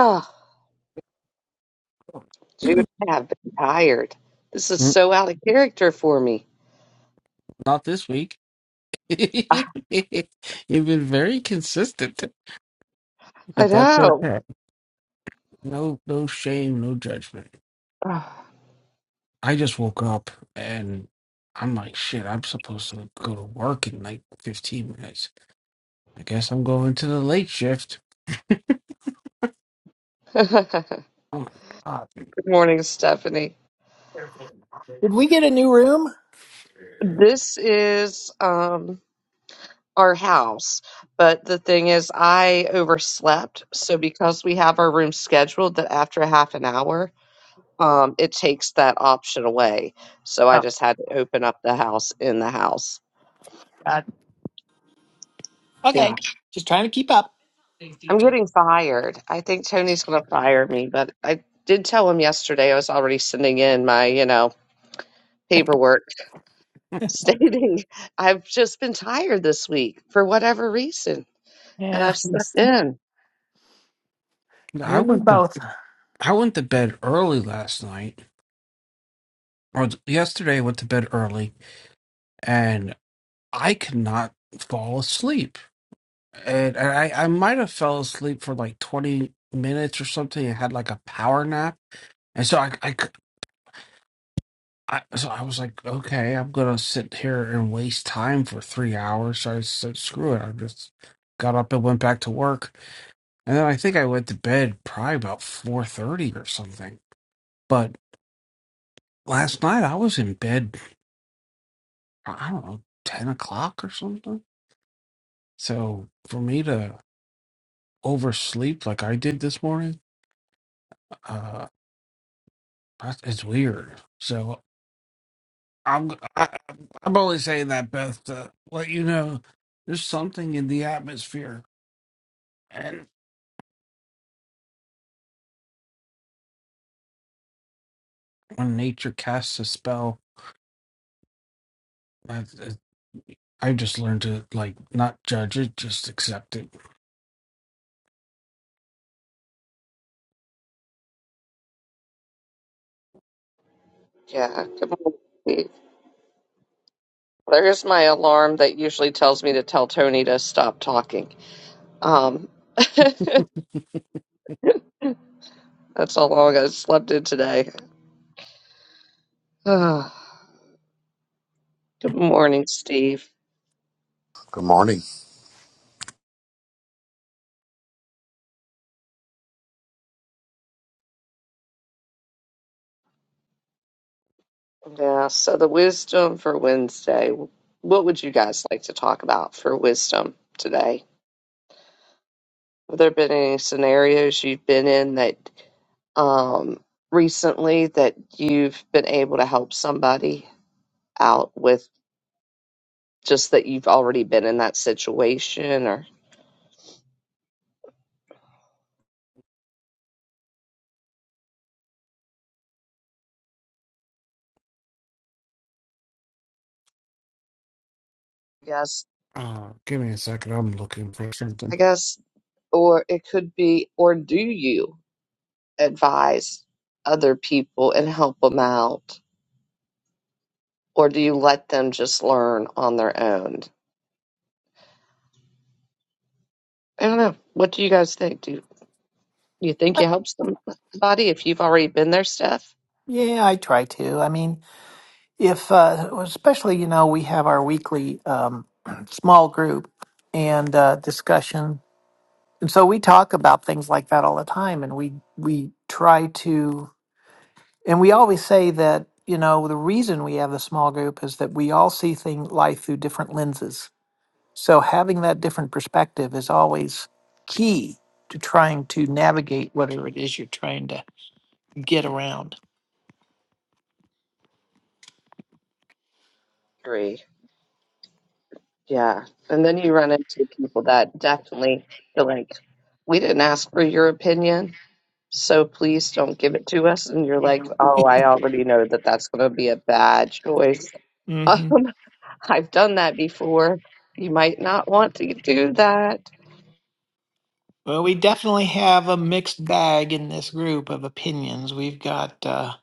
Oh, Jude, I have been tired. This is Mm, so out of character for me. Not this week. I, You've been very consistent, I but that's know. okay. No, no shame, no judgment. Ah. I just woke up and I'm like, shit, I'm supposed to go to work in like 15 minutes. I guess I'm going to the late shift. Good Oh my God. morning, Stephanie. Did we get a new room? This is um our house, but the thing is, I overslept. So because we have our room scheduled that after half an hour, um, it takes that option away. So I just had to open up the house in the house. Okay, just trying to keep up. I'm getting fired. I think Tony's going to fire me, but I did tell him yesterday I was already sending in my, you know, paperwork stating I've just been tired this week for whatever reason, and Yeah, I've slept in. you I and me went to, both. I went to bed early last night, or yesterday I went to bed early and I could not fall asleep. and I, I might have fell asleep for like 20 minutes or something and had like a power nap and so I, I, c- I- so I was like okay I'm gonna sit here and waste time for three hours so I said screw it I just got up and went back to work and then I think I went to bed probably about 4:30 or something but last night I was in bed I don't know 10 o'clock or something so for me to oversleep like I did this morning uh that is weird. So I'm I, I'm only saying that Beth to let you know there's something in the atmosphere, and when nature casts a spell, I, I just learned to like not judge it, just accept it. Yeah, good morning, Steve. There's my alarm that usually tells me to tell Tony to stop talking. Um, that's how long I slept in today. good morning, Steve. Good morning. Yeah, so the wisdom for Wednesday. What would you guys like to talk about for wisdom today? Have there been any scenarios you've been in that um, recently that you've been able to help somebody out with just that you've already been in that situation or yes, Uh, give me a second. I'm looking for something. I guess or it could be or do you advise other people and help them out or do you let them just learn on their own? I don't know. What do you guys think? Do you think you help somebody if you've already been there, Steph? Yeah, I try to. I mean, if uh, especially you know we have our weekly um, small group and uh, discussion, and so we talk about things like that all the time, and we we try to, and we always say that you know the reason we have the small group is that we all see thing life through different lenses So having that different perspective is always key to trying to navigate whatever it is you're trying to get around. Agree. Yeah. And then you run into people that definitely feel like, we didn't ask for your opinion, so please don't give it to us. And you're like, oh, I already know that that's going to be a bad choice. hmm Um, I've done that before. You might not want to do that. Well, we definitely have a mixed bag in this group of opinions. We've got, uh,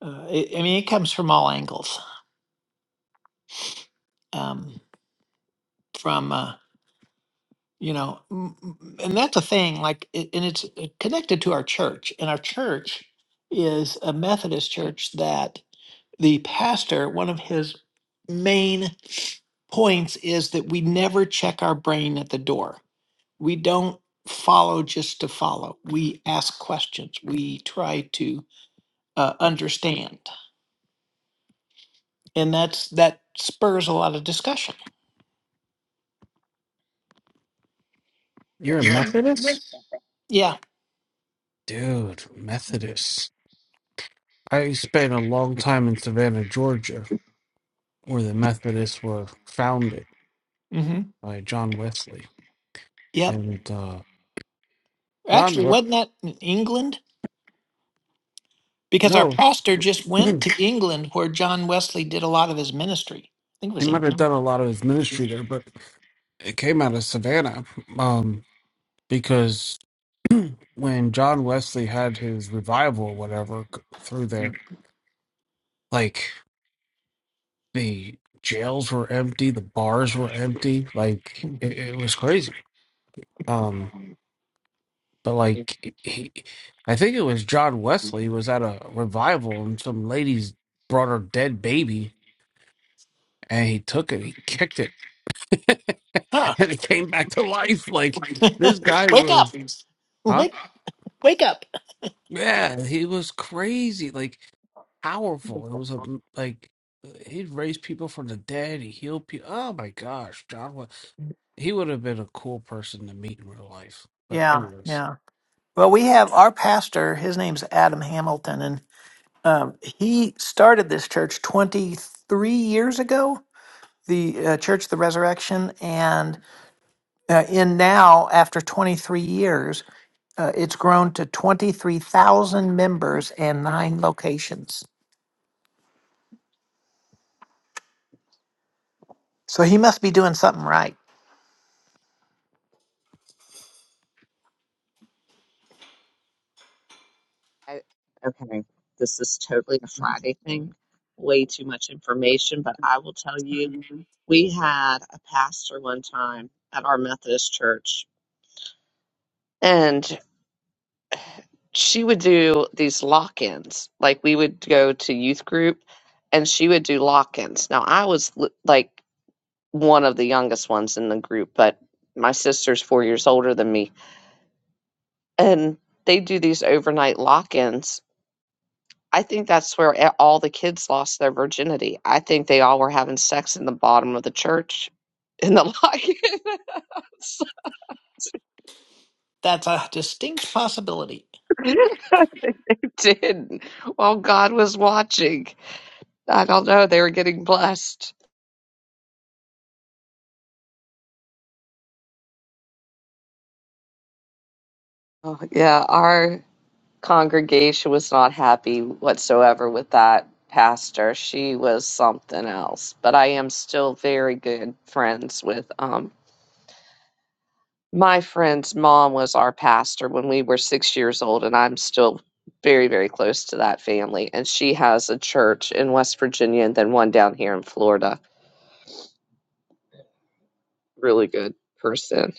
uh, it, I mean, it comes from all angles. Um, from, uh, you know, m- m- and that's a thing, like, it, and it's uh, connected to our church. And our church is a Methodist church that. the pastor, one of his main points is that we never check our brain at the door. We don't follow just to follow. We ask questions. We try to uh, understand, and that's that spurs a lot of discussion. You're Yeah. a Methodist, Yeah. dude. Methodist. I spent a long time in Savannah, Georgia, where the Methodists were founded hmm by John Wesley, Yep. and uh, John. Actually, We- wasn't that in England? Because our no. pastor just went to England, where John Wesley did a lot of his ministry. I think it he was might have done England. a lot of his ministry there, but it came out of Savannah um, because when John Wesley had his revival, or whatever, c- through there, like the jails were empty, the bars were empty, like it, it was crazy. Um, but like he, I think it was John Wesley was at a revival and some ladies brought her dead baby and he took it, he kicked it, Huh. and it came back to life. Like this guy Wake up! was, huh? Wake Wake up. Yeah, he was crazy, like powerful. It was a like he'd raise people from the dead. He healed people. Oh my gosh, John was he would have been a cool person to meet in real life. But Yeah, anyways, yeah. Well, we have our pastor, his name's Adam Hamilton, and um, he started this church 23 years ago, the uh, Church of the Resurrection. And uh, in now, after 23 years, uh, it's grown to 23,000 members and nine locations. So he must be doing something right. I, okay. This is totally a Friday thing. Way too much information, but I will tell you. we had a pastor one time at our Methodist church, and she would do these lock ins. Like we would go to youth group, and she would do lock ins. Now, I was l- like one of the youngest ones in the group, but my sister's four years older than me. And they do these overnight lock ins. I think that's where a- all the kids lost their virginity. I think they all were having sex in the bottom of the church in the lock in. That's a distinct possibility. they did while God was watching. I don't know. They were getting blessed. Oh, yeah, our congregation was not happy whatsoever with that pastor. She was something else. But I am still very good friends with um my friend's mom was our pastor when we were six years old, and I'm still very, very close to that family. And she has a church in West Virginia and then one down here in Florida really good person.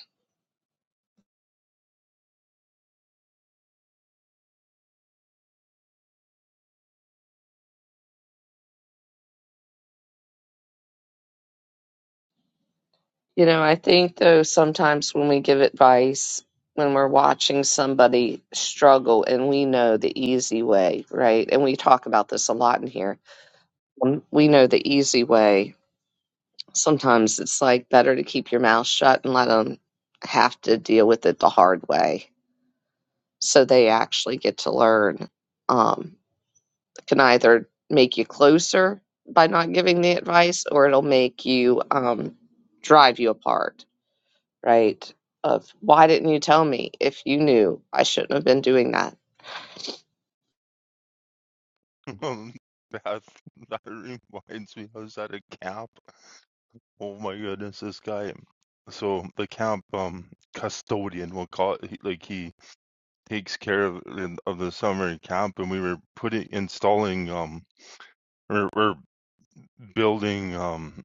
You know, I think though sometimes when we give advice, when we're watching somebody struggle and we know the easy way, right? And we talk about this a lot in here. When we know the easy way, sometimes it's like better to keep your mouth shut and let them have to deal with it the hard way. so they actually get to learn um, can either make you closer by not giving the advice or it'll make you um, drive you apart right of why didn't you tell me if you knew i shouldn't have been doing that Um, that that reminds me, I was at a camp. Oh my goodness, this guy. So the camp um custodian, we'll call it, he, like he takes care of in- of the summer camp, and we were putting installing um or we're building um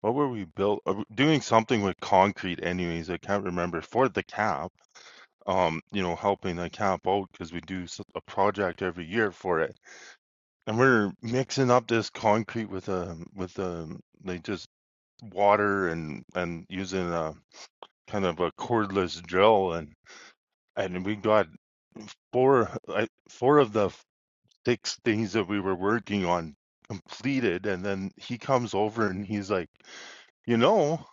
what were we built uh, we- doing something with concrete anyways I can't remember for the camp um you know helping the camp out because we do s- a project every year for it And we're mixing up this concrete with a with a like just water and and using a kind of a cordless drill and and we got four I, four of the six things that we were working on completed and then he comes over and he's like, "You know,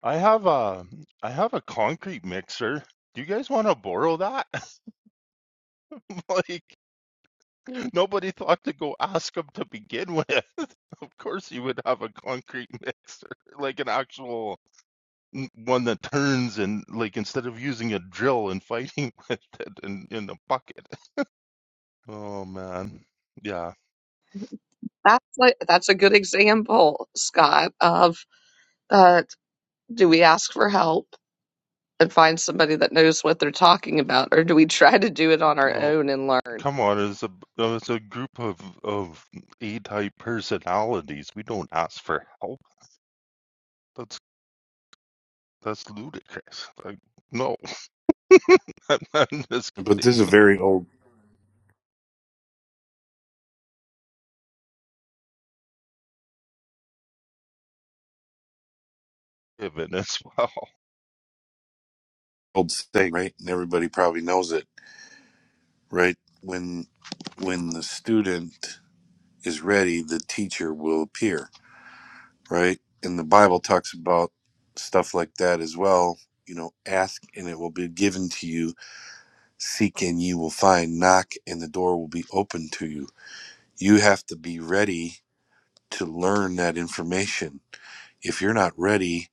I have a I have a concrete mixer. Do you guys want to borrow that?" Like nobody thought to go ask him to begin with. course you would have a concrete mixer, like an actual n- one that turns and like instead of using a drill and fighting with it in in a bucket. Oh man. Yeah. that's like that's a good example scott of uh, do we ask for help and find somebody that knows what they're talking about, or do we try to do it on our No, own and learn? come on, it's a uh, it's a group of of A-type personalities. We don't ask for help. That's that's ludicrous. Like no. I'm, I'm just But kidding. this is a very old Even as well. old saying, right? And everybody probably knows it, right? When when the student is ready, the teacher will appear, right? And the Bible talks about stuff like that as well. You know, ask and it will be given to you, seek and ye will find, knock and the door will be open to you. You have to be ready to learn that information. If you're not ready,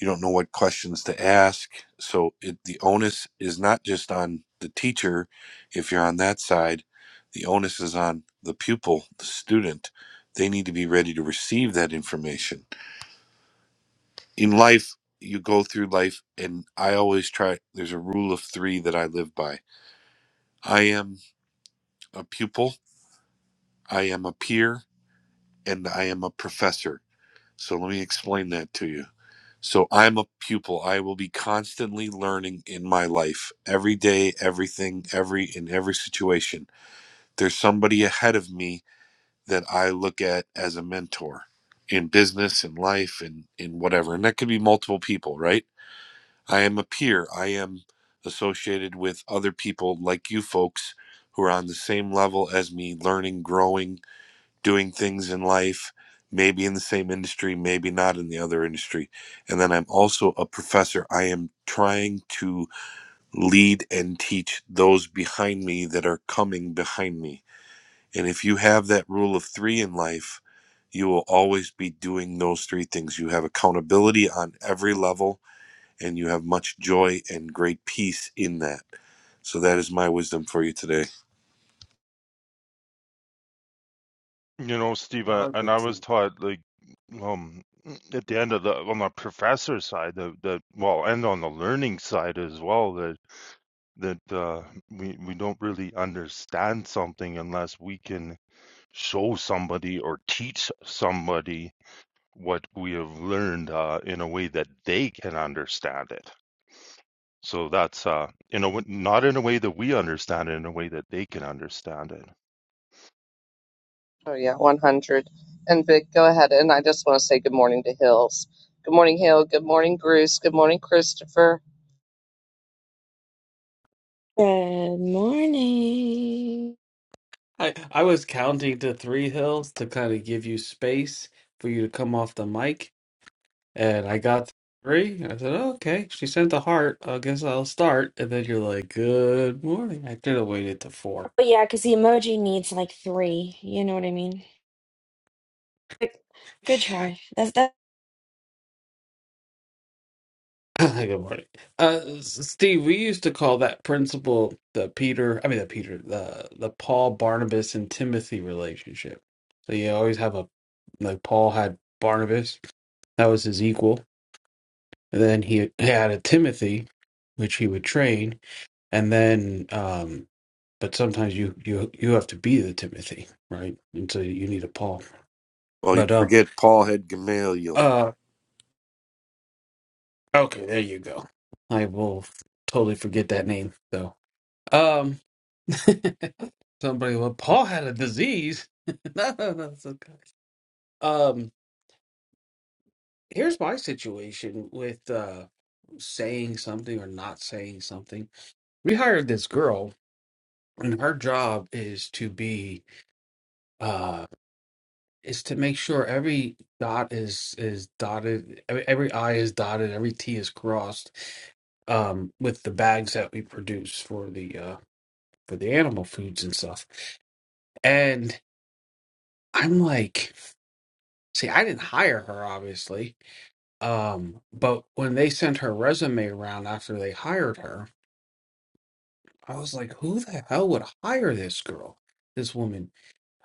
you don't know what questions to ask so it, the onus is not just on the teacher if you're on that side the onus is on the pupil the student they need to be ready to receive that information in life you go through life and i always try there's a rule of 3 that i live by i am a pupil i am a peer and i am a professor so let me explain that to you So I'm a pupil. I will be constantly learning in my life. Every day, everything, every in every situation. There's somebody ahead of me that I look at as a mentor in business, in life, in in whatever. And that could be multiple people, right? I am a peer. I am associated with other people like you folks who are on the same level as me, learning, growing, doing things in life, maybe in the same industry, maybe not in the other industry. And then I'm also a professor. I am trying to lead and teach those behind me that are coming behind me. And if you have that rule of three in life, you will always be doing those three things. You have accountability on every level, and you have much joy and great peace in that. So that is my wisdom for you today. You know, Steve, I uh, like and I that was too. taught like um at the end of the on the professor side that that well, and on the learning side as well that that uh, we we don't really understand something unless we can show somebody or teach somebody what we have learned uh, in a way that they can understand it. So that's uh, in a w- not in a way that we understand it, in a way that they can understand it. Oh yeah, one hundred. And Vic, go ahead. And I just want to say good morning to Hills. Good morning, Hill. Good morning, Bruce. Good morning, Christopher. Good morning. I, I was counting to three hills to kind of give you space for you to come off the mic, and I got three. I said, "Oh, okay, she sent a heart. I guess I'll start. And then you're like, good morning. I could have waited to four. But yeah, because the emoji needs like three. You know what I mean? Like, Good try. That's that. Good morning. Uh, S- Steve, we used to call that principle the Peter, I mean the Peter, the the Paul, Barnabas, and Timothy relationship. So you always have a like Paul had Barnabas, that was his equal, and then he had a Timothy, which he would train, and then um but sometimes you you you have to be the Timothy, right? And so you need a Paul. Well, you But um forget Paul had Gamaliel. uh okay, there you go. I will totally forget that name though. Um, Somebody, well, Paul had a disease. no, no, no, it's okay. Um, here's my situation with uh saying something or not saying something. We hired this girl, and her job is to be uh is to make sure every dot is is dotted, every, every I is dotted, every T is crossed, um, with the bags that we produce for the uh for the animal foods and stuff. And I'm like. See, I didn't hire her, obviously. Um, but when they sent her resume around after they hired her, I was like, who the hell would hire this girl, this woman?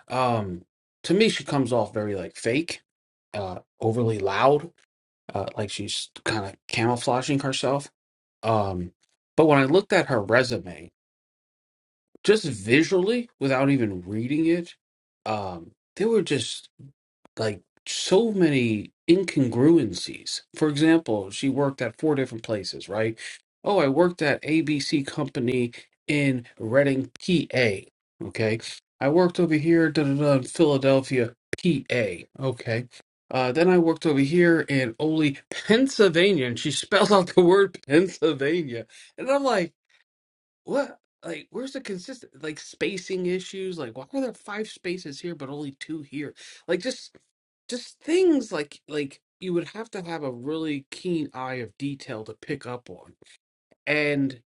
Um, to me, she comes off very like fake, uh, overly loud, uh, like she's kind of camouflaging herself. Um, but when I looked at her resume, just visually, without even reading it, um, there were just like so many incongruencies. For example, she worked at four different places, right? Oh, I worked at ABC Company in Reading, PA. Okay. I worked over here da, da, da, in Philadelphia, PA. Okay. Uh, then I worked over here in Ole, Pennsylvania, and she spelled out the word Pennsylvania. And I'm like, what? Like, where's the consistent, like, spacing issues? Like, why are there five spaces here but only two here? Like, just, just things like, like you would have to have a really keen eye of detail to pick up on. And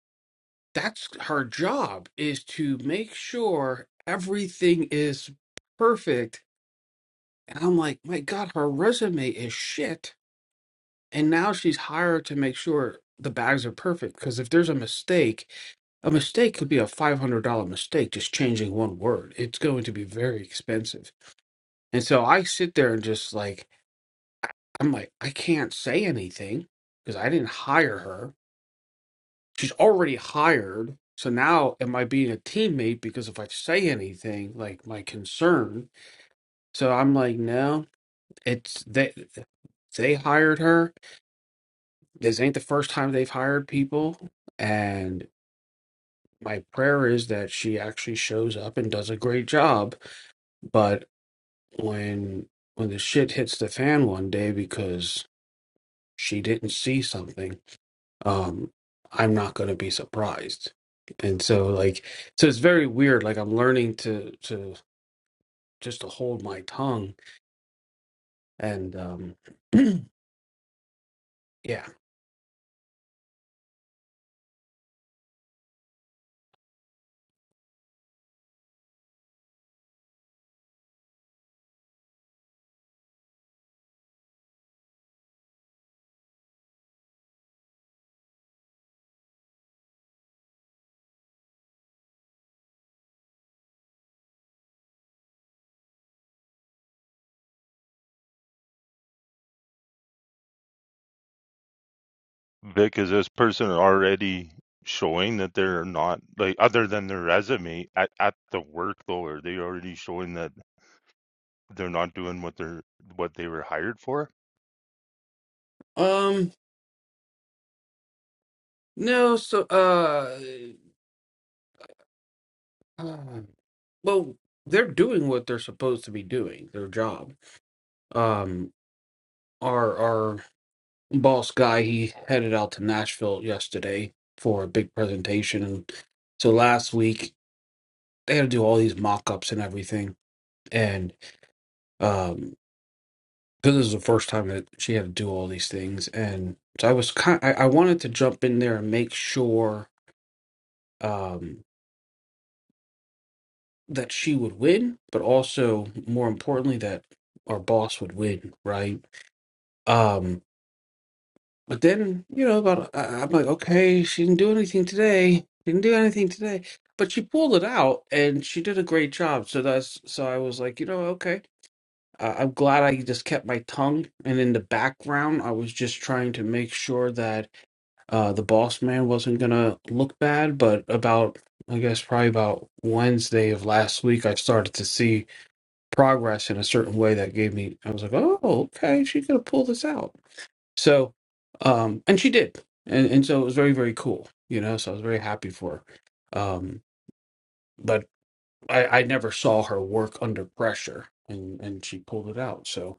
that's her job is to make sure everything is perfect. And I'm like, my God, her resume is shit. And now she's hired to make sure the bags are perfect. Because if there's a mistake, a mistake could be a $500 mistake, just changing one word. It's going to be very expensive. And so I sit there and just like, I'm like, I can't say anything because I didn't hire her. She's already hired. So now am I being a teammate because if I say anything, like my concern? So I'm like, no, it's they, they hired her. This ain't the first time they've hired people. And my prayer is that she actually shows up and does a great job But when when the shit hits the fan one day because she didn't see something um i'm not going to be surprised and so like so it's very weird like i'm learning to to just to hold my tongue and um yeah Vic, is this person already showing that they're not like other than their resume at, at the work though, are they already showing that they're not doing what they're what they were hired for? um no so uh, uh well they're doing what they're supposed to be doing their job um are boss guy he headed out to nashville yesterday for a big presentation and so last week they had to do all these mock-ups and everything and um because this is the first time that she had to do all these things and so i was kind I, I wanted to jump in there and make sure um that she would win but also more importantly that our boss would win right Um, But then, you know, about I- I'm like, okay, she didn't do anything today. Didn't do anything today. But she pulled it out, and she did a great job. So that's so I was like, you know, okay. Uh, I'm glad I just kept my tongue, and in the background, I was just trying to make sure that uh, the boss man wasn't gonna look bad. But about, I guess, probably about Wednesday of last week, I started to see progress in a certain way that gave me. I was like, oh, okay, she could have pulled this out. So, um, and she did, and and so it was very very cool, you know. So I was very happy for her. Um, but I, I never saw her work under pressure, and and she pulled it out. So,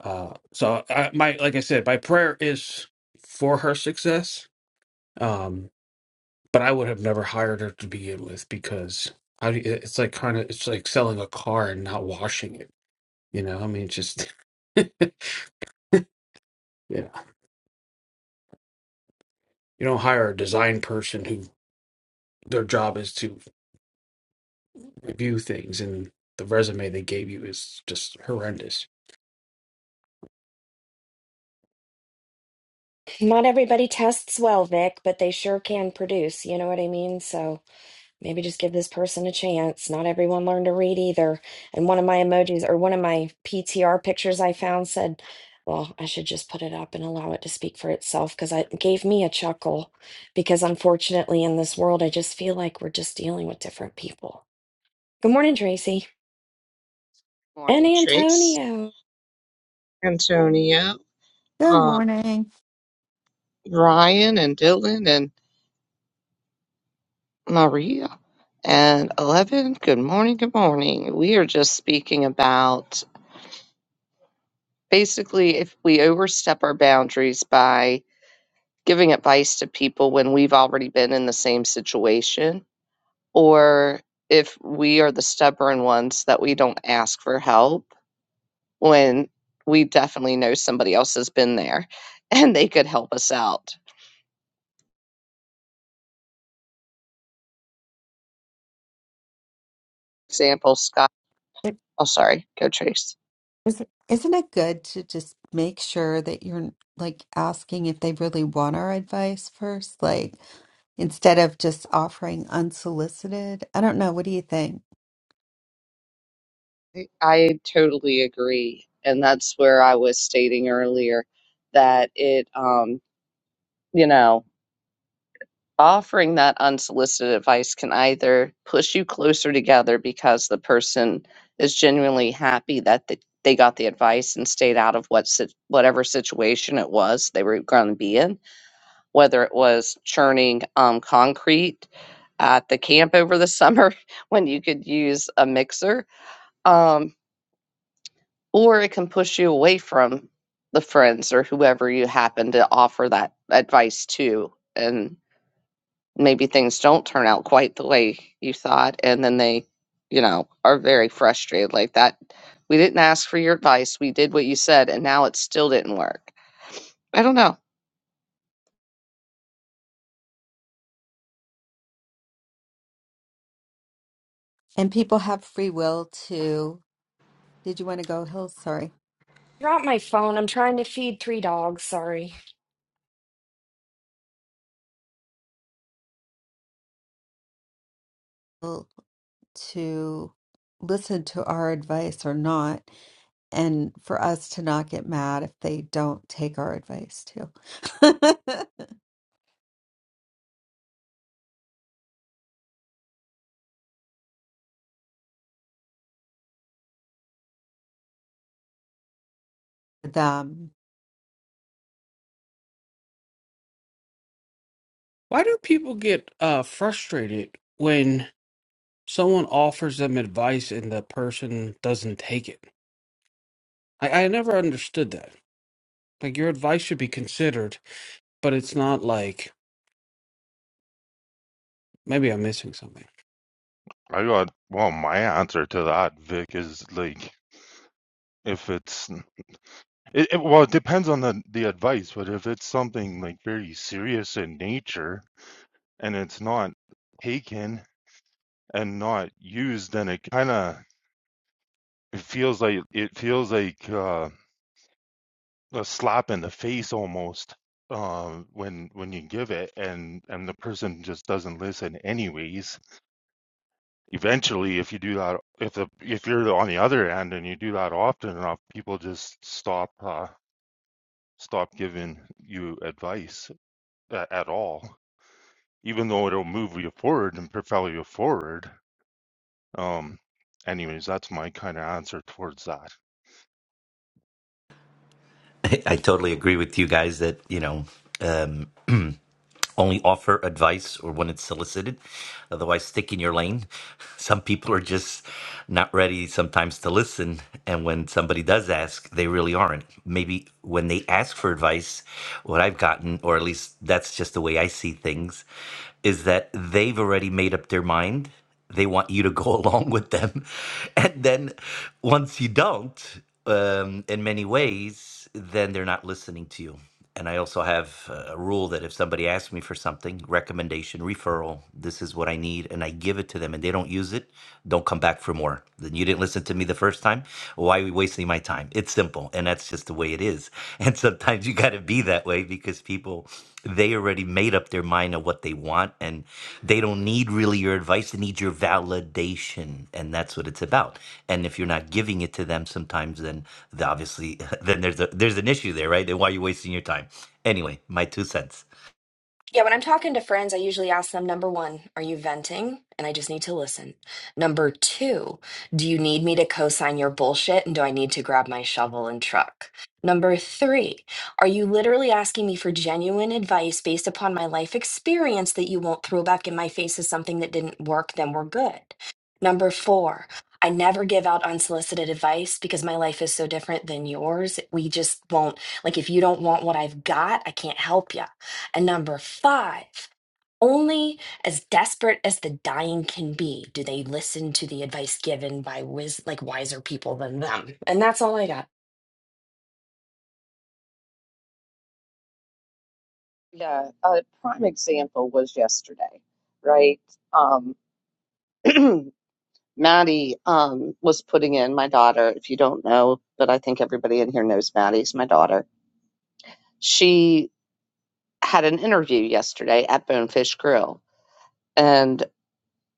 uh, so I, my like I said, my prayer is for her success. Um, but I would have never hired her to begin with because how do you, it's like kind of it's like selling a car and not washing it. You know, I mean, it's just yeah. You don't hire a design person who their job is to review things and the resume they gave you is just horrendous. Not everybody tests well, Vic, but they sure can produce. You know what I mean? So maybe just give this person a chance. Not everyone learned to read either. And one of my emojis or one of my PTR pictures I found said, "Well, I should just put it up and allow it to speak for itself," because it gave me a chuckle. Because unfortunately, in this world, I just feel like we're just dealing with different people. Good morning, Tracy. Good And morning, Trace, Antonio. Antonio, Good um, morning. Ryan, and Dylan, and Maria, and Eleven. Good morning. Good morning. We are just speaking about basically if we overstep our boundaries by giving advice to people when we've already been in the same situation or if we are the stubborn ones that we don't ask for help when we definitely know somebody else has been there and they could help us out. Example, Scott. It, Oh, sorry. Go, Trace. is, isn't it good to just make sure that you're like asking if they really want our advice first, like instead of just offering unsolicited? I don't know. What do you think? I I totally agree. And that's where I was stating earlier that it, um, you know, offering that unsolicited advice can either push you closer together because the person is genuinely happy that they, they got the advice and stayed out of what sit- whatever situation it was they were going to be in, whether it was churning um, concrete at the camp over the summer when you could use a mixer, um, or it can push you away from the friends or whoever you happen to offer that advice to. And maybe things don't turn out quite the way you thought and then they you know are very frustrated like that we didn't ask for your advice we did what you said and now it still didn't work i don't know And people have free will to, did you want to go, Hill? Sorry, Drop my phone. I'm trying to feed three dogs. Sorry. Will to listen to our advice or not, and for us to not get mad if they don't take our advice too. Them. Why do people get uh, frustrated when someone offers them advice and the person doesn't take it? I, I never understood that. Like your advice should be considered, but it's not like maybe I'm missing something. I got well, my answer to that, Vic, is like if it's it, it- well, it depends on the the advice, but if it's something like very serious in nature and it's not taken and not used, then it kind of it feels like it feels like uh a slap in the face almost um when when you give it and and the person just doesn't listen anyways eventually if you do that if the if you're on the other end and you do that often enough people just stop uh stop giving you advice at, at all even though it'll move you forward and propel you forward um anyways that's my kind of answer towards that I I totally agree with you guys that, you know, um, only offer advice or when it's solicited. Otherwise, stick in your lane. Some people are just not ready sometimes to listen. And when somebody does ask, they really aren't. Maybe when they ask for advice, what I've gotten, or at least that's just the way I see things, is that they've already made up their mind they want you to go along with them and then once you don't um, in many ways then they're not listening to you and i also have uh, a rule that if somebody asks me for something recommendation referral this is what i need and i give it to them and they don't use it don't come back for more then you didn't listen to me the first time why are we wasting my time it's simple and that's just the way it is and sometimes you got to be that way because people they already made up their mind of what they want and they don't need really your advice they need your validation and that's what it's about and if you're not giving it to them sometimes then the- obviously then there's a there's an issue there right then why are you wasting your time anyway my two cents Yeah, when I'm talking to friends, I usually ask them number one, are you venting? And I just need to listen. Number two, do you need me to co sign your bullshit? And do I need to grab my shovel and truck? Number three, are you literally asking me for genuine advice based upon my life experience that you won't throw back in my face as something that didn't work? Then we're good. Number four, I never give out unsolicited advice because my life is so different than yours. We just won't, like, if you don't want what I've got, I can't help you. And number five, only as desperate as the dying can be do they listen to the advice given by wis- like wiser people than them. And that's all I got. Yeah, a prime example was yesterday, right? Um, maddie um, was putting in my daughter if you don't know but i think everybody in here knows maddie's my daughter she had an interview yesterday at bonefish grill and.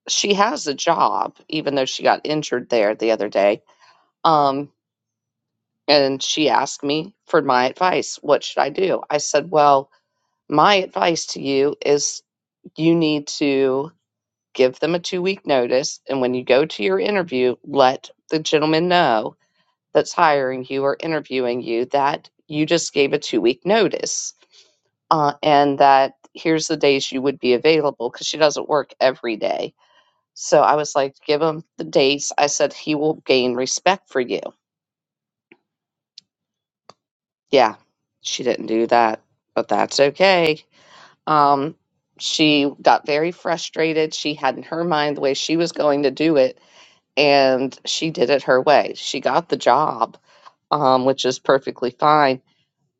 she has a job, even though she got injured there the other day. Um, and she asked me for my advice. What should I do? I said, Well, my advice to you is you need to give them a two week notice. And when you go to your interview, let the gentleman know that's hiring you or interviewing you that you just gave a two week notice uh, and that here's the days you would be available because she doesn't work every day So I was like, give him the dates. I said, he will gain respect for you. Yeah, she didn't do that, but that's okay. Um, she got very frustrated. She had in her mind the way she was going to do it, and she did it her way. She got the job, um, which is perfectly fine.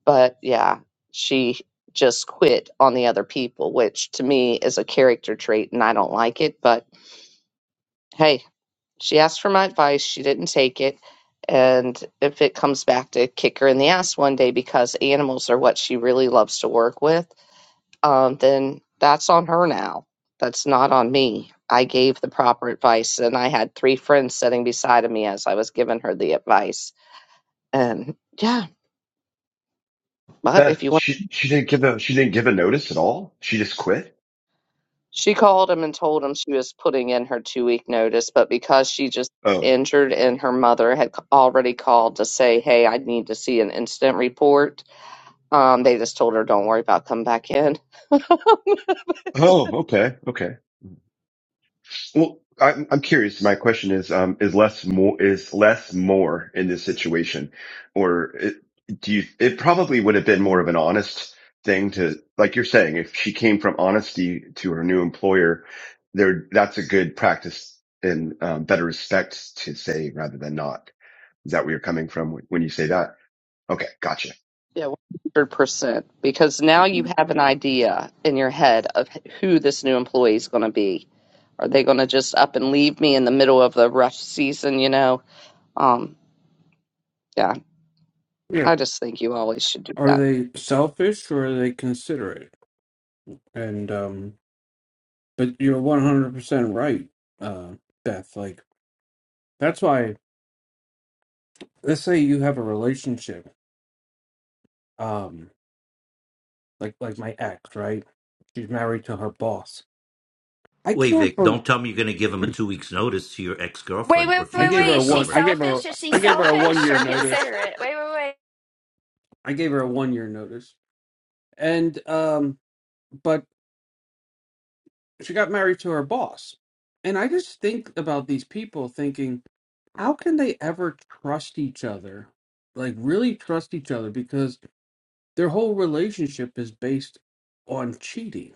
But yeah, she just quit on the other people, which to me is a character trait, and I don't like it. But hey, She asked for my advice. She didn't take it. And if it comes back to kick her in the ass one day because animals are what she really loves to work with, um, then that's on her now. That's not on me. I gave the proper advice, and I had three friends sitting beside of me as I was giving her the advice. And yeah, but Beth, if you want, she she didn't give a she didn't give a notice at all. She just quit. she called him and told him she was putting in her two week notice, but because she just Oh, injured and her mother had c- already called to say, hey, I need to see an incident report Um, they just told her, don't worry about coming back in. oh, okay, okay. Well, I'm I'm curious. My question is, um, is less more is less more in this situation, or it, do you? It probably would have been more of an honest thing to, like you're saying, if she came from honesty to her new employer, there that's a good practice and um, better respect to say rather than not. Is that where you're coming from when you say that? Okay, gotcha. Yeah, 100%. Because now you have an idea in your head of who this new employee is going to be. Are they going to just up and leave me in the middle of the rough season, you know? Um, yeah, Yeah. I just think you always should do Are that. they selfish or are they considerate? And um but you're 100% right, uh Beth. Like that's why let's say you have a relationship. um. like like my ex, right? She's married to her boss. I wait can't. vic bel don't tell me you're going to give him a two weeks notice to your Wait, ex-girlfriend wait, or I wait, gave future her wait. a Is she one. ex-girlfriend I gave her. selfish? Is she I gave her a one selfish year or notice. considerate? Wait, wait, wait. I gave her a one year notice, and um, but she got married to her boss, and I just think about these people thinking, how can they ever trust each other? Like really trust each other because their whole relationship is based on cheating.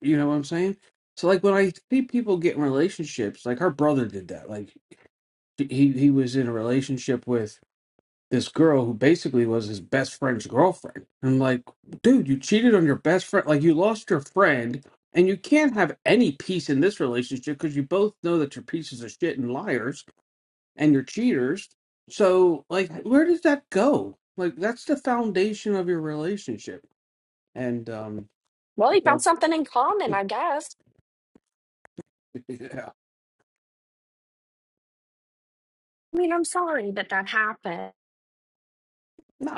You know what I'm saying? So like when I see people get in relationships, like her brother did that. Like he he was in a relationship with this girl who basically was his best friend's girlfriend. I'm like, dude, you cheated on your best friend. Like you lost your friend, and you can't have any peace in this relationship because you both know that you're pieces of shit and liars and you're cheaters. So like, where does that go? Like that's the foundation of your relationship. And um, yeah,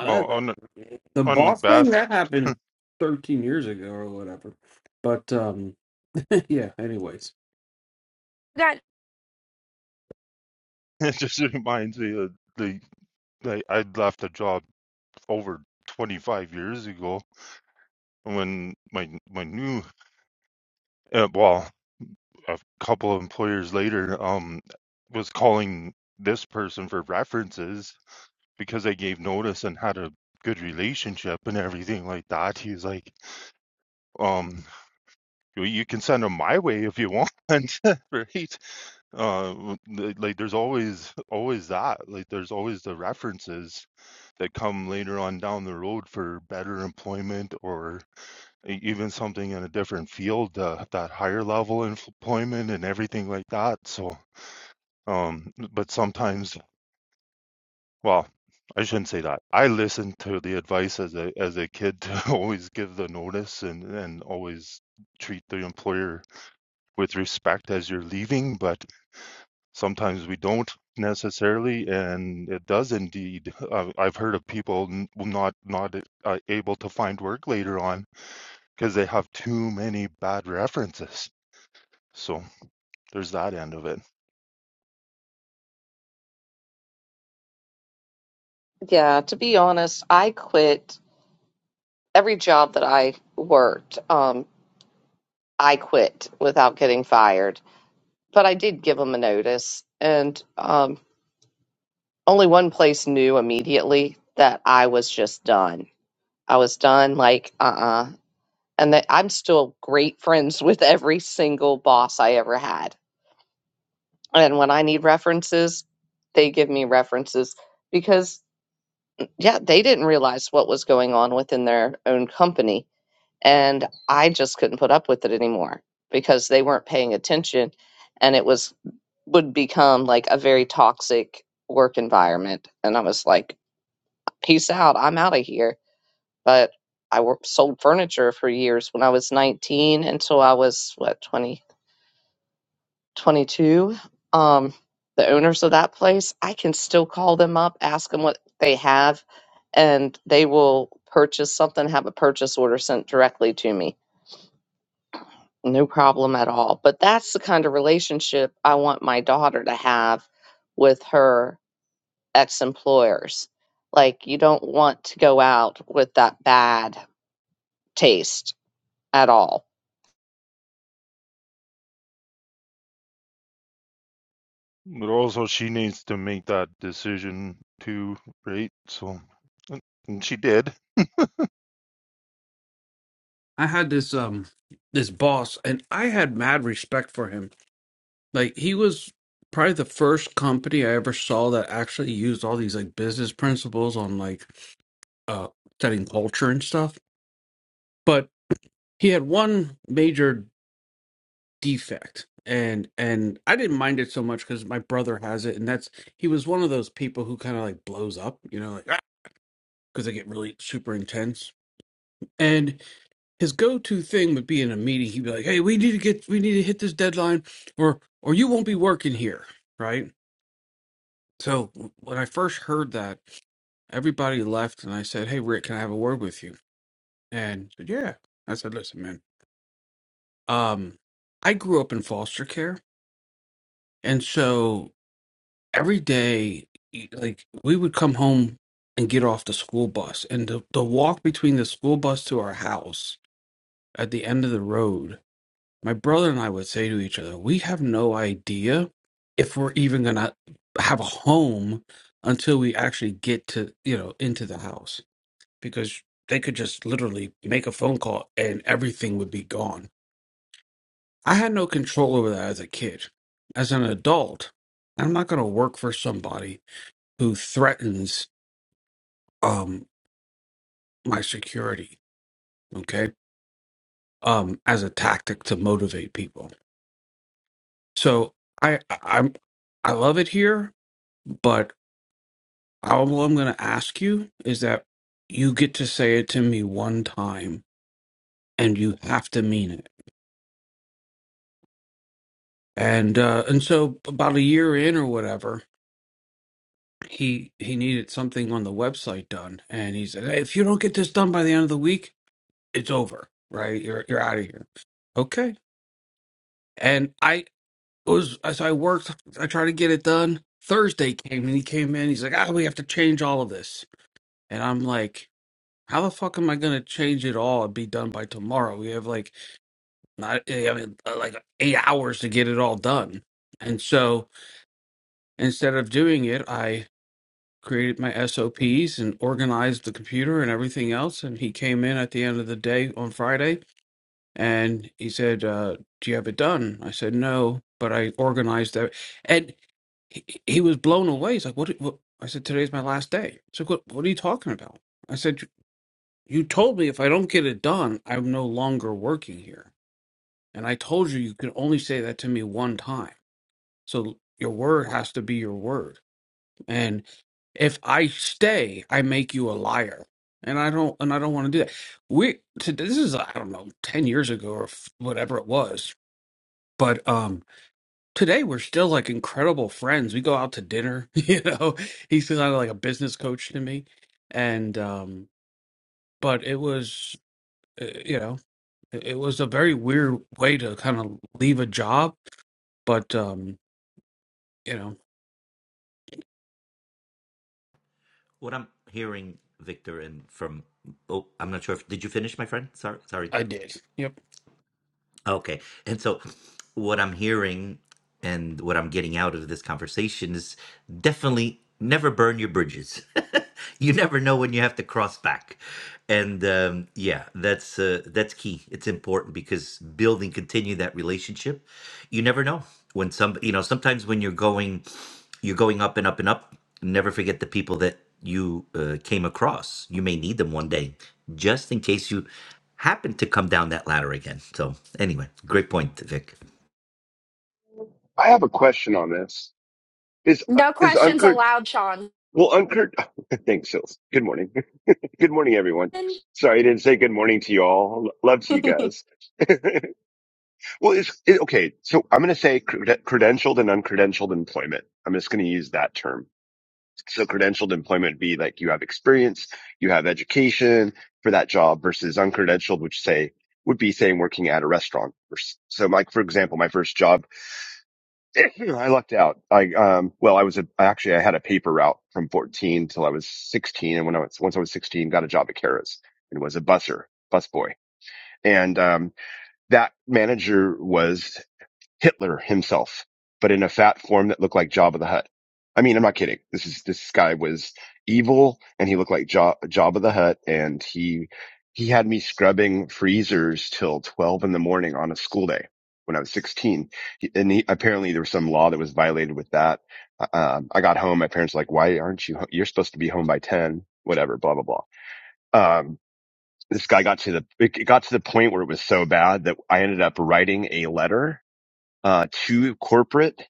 well that, on the on boss thing beth that happened 13 years ago or whatever. But um, yeah anyways You got it just reminds me of the I, I I'd left a job over 25 years ago when my my new uh, well a couple of employers later um was calling this person for references because I gave notice and had a good relationship and everything like that he's like um you you can send them my way if you want right uh th- like there's always always that like there's always the references that come later on down the road for better employment or e- even something in a different field, uh, that higher level employment and everything like that. So, um, but sometimes, well, I shouldn't say that. I listened to the advice as a as a kid to always give the notice and and always treat the employer with respect as you're leaving, but sometimes we don't necessarily, and it does indeed. Uh, I've heard of people n- not not uh, able to find work later on because they have too many bad references. So there's that end of it. Yeah, to be honest, I quit every job that I worked. Um, I quit without getting fired, but I did give them a notice. And um, only one place knew immediately that I was just done. I was done, like, uh uh And that I'm still great friends with every single boss I ever had. And when I need references, they give me references because, yeah, they didn't realize what was going on within their own company. And I just couldn't put up with it anymore because they weren't paying attention. And it was, would become like a very toxic work environment. And I was like, peace out. I'm out of here. But I wor- sold furniture for years when I was 19 until I was, what, 20, 22. Um, the owners of that place, I can still call them up, ask them what they have, and they will purchase something, have a purchase order sent directly to me. No problem at all. But that's the kind of relationship I want my daughter to have with her ex employers. Like, you don't want to go out with that bad taste at all. But also, she needs to make that decision too, right? So, and she did. i had this um this boss and i had mad respect for him like he was probably the first company i ever saw that actually used all these like business principles on like uh setting culture and stuff but he had one major defect and and i didn't mind it so much because my brother has it and that's he was one of those people who kind of like blows up you know like because they get really super intense his go-to thing would be in a meeting he'd be like hey we need to get we need to hit this deadline or or you won't be working here right so when i first heard that everybody left and i said hey rick can i have a word with you and he said yeah i said listen man um i grew up in foster care and so every day like we would come home and get off the school bus and the, the walk between the school bus to our house at the end of the road my brother and I would say to each other, we have no idea if we're even going to have a home until we actually get to, you know, into the house because they could just literally make a phone call and everything would be gone. I had no control over that as a kid. As an adult, I'm not going to work for somebody who threatens um my security, okay? Um as a tactic to motivate people. So I I- I'm I love it here, but All I'm going to ask you is that you get to say it to me one time, and you have to mean it. And uh, and so about a year in or whatever, he he needed something on the website done, and he said, hey, if you don't get this done by the end of the week, it's over. Right, you're you're out of here. Okay. And I was as I worked, I tried to get it done. Thursday came and he came in. He's like, ah, we have to change all of this, and I'm like. How the fuck am I gonna change it all and be done by tomorrow? We have like not eh, I mean uh, like eight hours to get it all done. And so instead of doing it, I created my SOPs and organized the computer and everything else. And he came in at the end of the day on Friday and he said, uh, "Do you have it done?" I said, "No," but I organized that. And he, he was blown away. He's like, "What?" what? I said, "Today's my last day." He's like, "What? What are you talking about?" I said, "You told me if I don't get it done, I'm no longer working here." And I told you you could only say that to me one time. So your word has to be your word. And if I stay, I make you a liar. And I don't and I don't want to do that. We to, this is I don't know 10 years ago or f- whatever it was. But um today we're still like incredible friends. We go out to dinner, you know. He's kind of like a business coach to me. And um but it was uh, you know, it it was a very weird way to kind of leave a job, but um you know, what i'm hearing victor and from oh i'm not sure if did you finish my friend sorry sorry I did. Yep. Okay. And so what I'm hearing and what I'm getting out of this conversation is definitely never burn your bridges. you never know when you have to cross back. And um, yeah, that's uh, that's key. It's important because building continue that relationship. You never know when some you know sometimes when you're going you're going up and up and up, never forget the people that you uh, came across. You may need them one day just in case you happened to come down that ladder again. So anyway, great point, Vic. I have a question on this. Is no is questions Unkurt? allowed, Sean. Will Unkurt? Thanks, Sills. Good morning. good morning, everyone. Sorry, I didn't say good morning to you all. L- Love to you guys. Well, is it, okay. So I'm going to say crede- credentialed and uncredentialed employment. I'm just going to use that term. So credentialed employment would be like you have experience, you have education for that job versus uncredentialed, which say would be saying working at a restaurant. Or s- So, like for example, my first job I lucked out. I um well, I was a, actually I had a paper route from 14 till I was 16, and when I was once I was 16, got a job at Kara's and was a busser, bus boy. And um, that manager was Hitler himself, but in a fat form that looked like Jabba the Hutt. I mean, I'm not kidding. This is this guy was evil, and he looked like Ja- Jabba the Hutt, and he he had me scrubbing freezers till twelve in the morning on a school day when I was 16. He, and he, apparently there was some law that was violated with that. Uh, Um, I got home. My parents were like, "Why aren't you? Ho- You're supposed to be home by ten. Whatever. Blah blah blah." Um, this guy got to the it got to the point where it was so bad that I ended up writing a letter uh, to corporate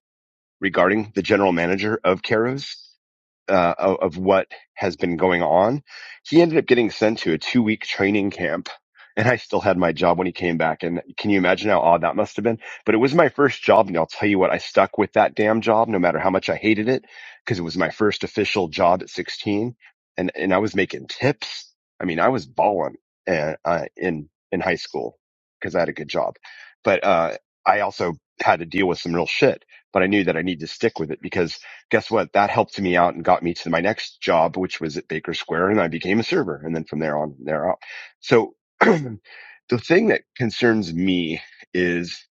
regarding the general manager of Keros uh, of, what has been going on. He ended up getting sent to a two week training camp. And I still had my job when he came back. And can you imagine how odd that must have been? But it was my first job. And I'll tell you what, I stuck with that damn job no matter how much I hated it because it was my first official job at 16. And, and I was making tips. I mean, I was balling uh, uh, in, in high school because I had a good job. But, uh, I also had to deal with some real shit, but I knew that I needed to stick with it because guess what? That helped me out and got me to my next job, which was at Baker Square, and I became a server. And then from there on, there out. So the thing that concerns me is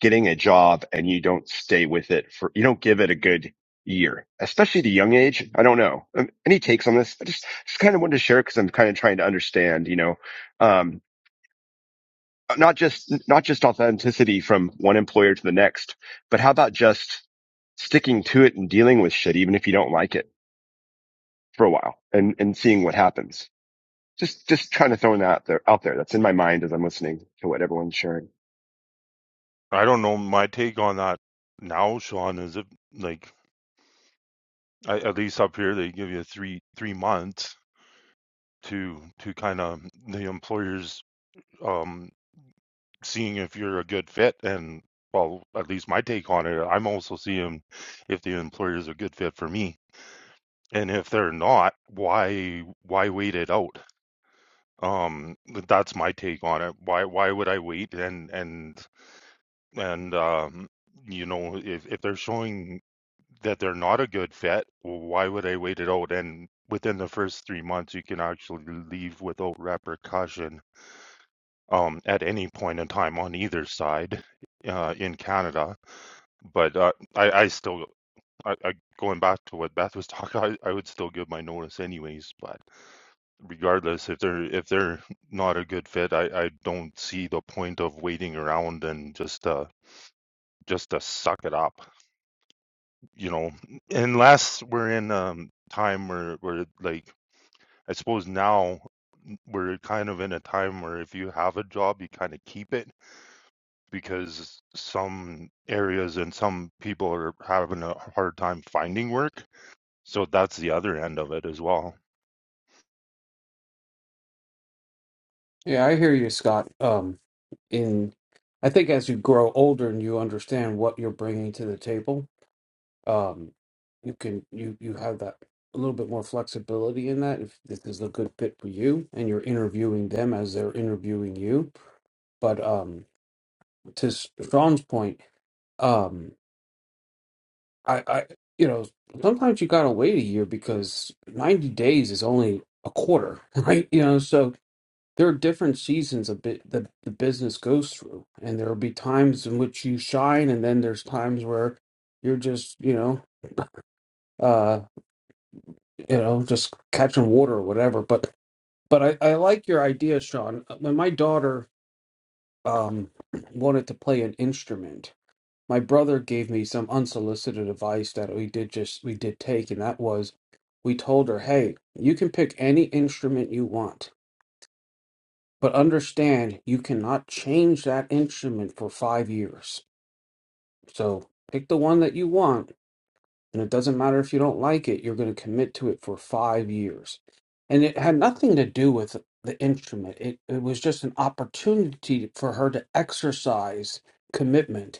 getting a job and you don't stay with it for, you don't give it a good year, especially at a young age. I don't know. Um, Any takes on this? I just, just kind of wanted to share because I'm kind of trying to understand, you know, um, not just, not just authenticity from one employer to the next, but how about just sticking to it and dealing with shit, even if you don't like it? for a while and, and seeing what happens. Just, just trying to throw that out there, out there. That's in my mind as I'm listening to what everyone's sharing. I don't know. My take on that now, Sean, is it like I, at least up here they give you three three months to to kind of the employers um seeing if you're a good fit and well at least my take on it i'm also seeing if the employer is a good fit for me and if they're not why why wait it out Um, that's my take on it. Why why would I wait? And and and um, you know, if if they're showing that they're not a good fit, well, why would I wait it out? And within the first three months, you can actually leave without repercussion um, at any point in time on either side uh, in Canada. But uh, I I still I, I going back to what Beth was talking, I, I would still give my notice anyways. But. regardless if they're if they're not a good fit i i don't see the point of waiting around and just uh just to suck it up you know unless we're in um time where where like i suppose now we're kind of in a time where if you have a job you kind of keep it because some areas and some people are having a hard time finding work so that's the other end of it as well Yeah, I hear you, Scott. Um, in I think as you grow older and you understand what you're bringing to the table, um, you can you you have that a little bit more flexibility in that if this is a good fit for you and you're interviewing them as they're interviewing you. But um, to S- Sean's point, um, I I you know sometimes you gotta wait a year because 90 days is only a quarter, right? You know, so there are different seasons a bit that the business goes through and there will be times in which you shine and then there's times where you're just you know uh you know just catching water or whatever but but i i like your idea sean Uh, when my daughter um wanted to play an instrument my brother gave me some unsolicited advice that we did just we did take and that was we told her hey you can pick any instrument you want But understand, you cannot change that instrument for five years. So pick the one that you want, and it doesn't matter if you don't like it, you're going to commit to it for five years. And it had nothing to do with the instrument, it, it was just an opportunity for her to exercise commitment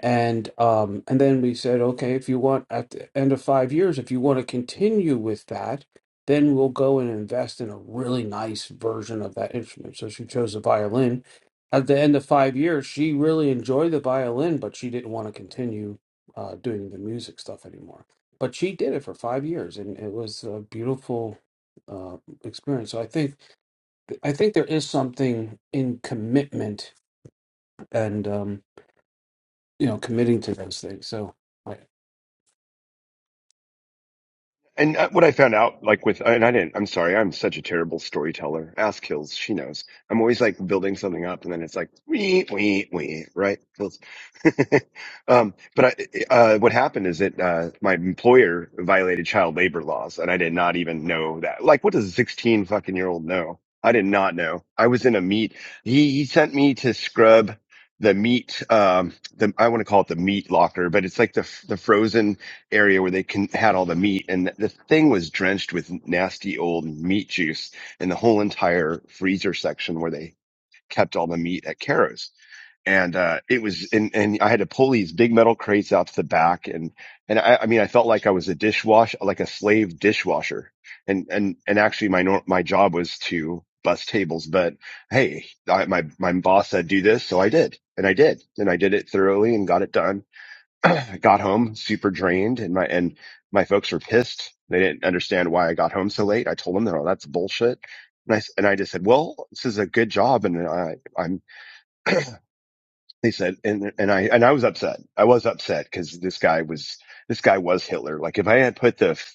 and um and then we said okay if you want at the end of five years if you want to continue with that then we'll go and invest in a really nice version of that instrument so she chose the violin at the end of five years she really enjoyed the violin but she didn't want to continue uh, doing the music stuff anymore but she did it for five years and it was a beautiful uh, experience so i think i think there is something in commitment and um you know committing to those things so And uh, what I found out, like with, and I didn't, I'm sorry, I'm such a terrible storyteller. Ask Hills, she knows. I'm always like building something up and then it's like, wee, wee, wee, right? Hills. um, but I, uh, what happened is that, uh, my employer violated child labor laws and I did not even know that. Like, what does a 16 fucking year old know? I did not know. I was in a meat. He, he sent me to scrub the meat, um, the, I want to call it the meat locker, but it's like the, f- the frozen area where they can had all the meat and the thing was drenched with nasty old meat juice in the whole entire freezer section where they kept all the meat at Caro's. And uh it was and, and I had to pull these big metal crates out to the back and and I, I mean I felt like I was a dishwasher, like a slave dishwasher. And and and actually my nor- my job was to bus tables, but hey, I, my my boss said do this, so I did. And I did. And I did it thoroughly and got it done got home super drained and my and my folks were pissed. They didn't understand why I got home so late. I told them that oh, that's bullshit. And I, s- and I just said, well, this is a good job. And I, I'm, they said, and, and I, and I was upset. I was upset because this guy was, this guy was Hitler. Like if I had put the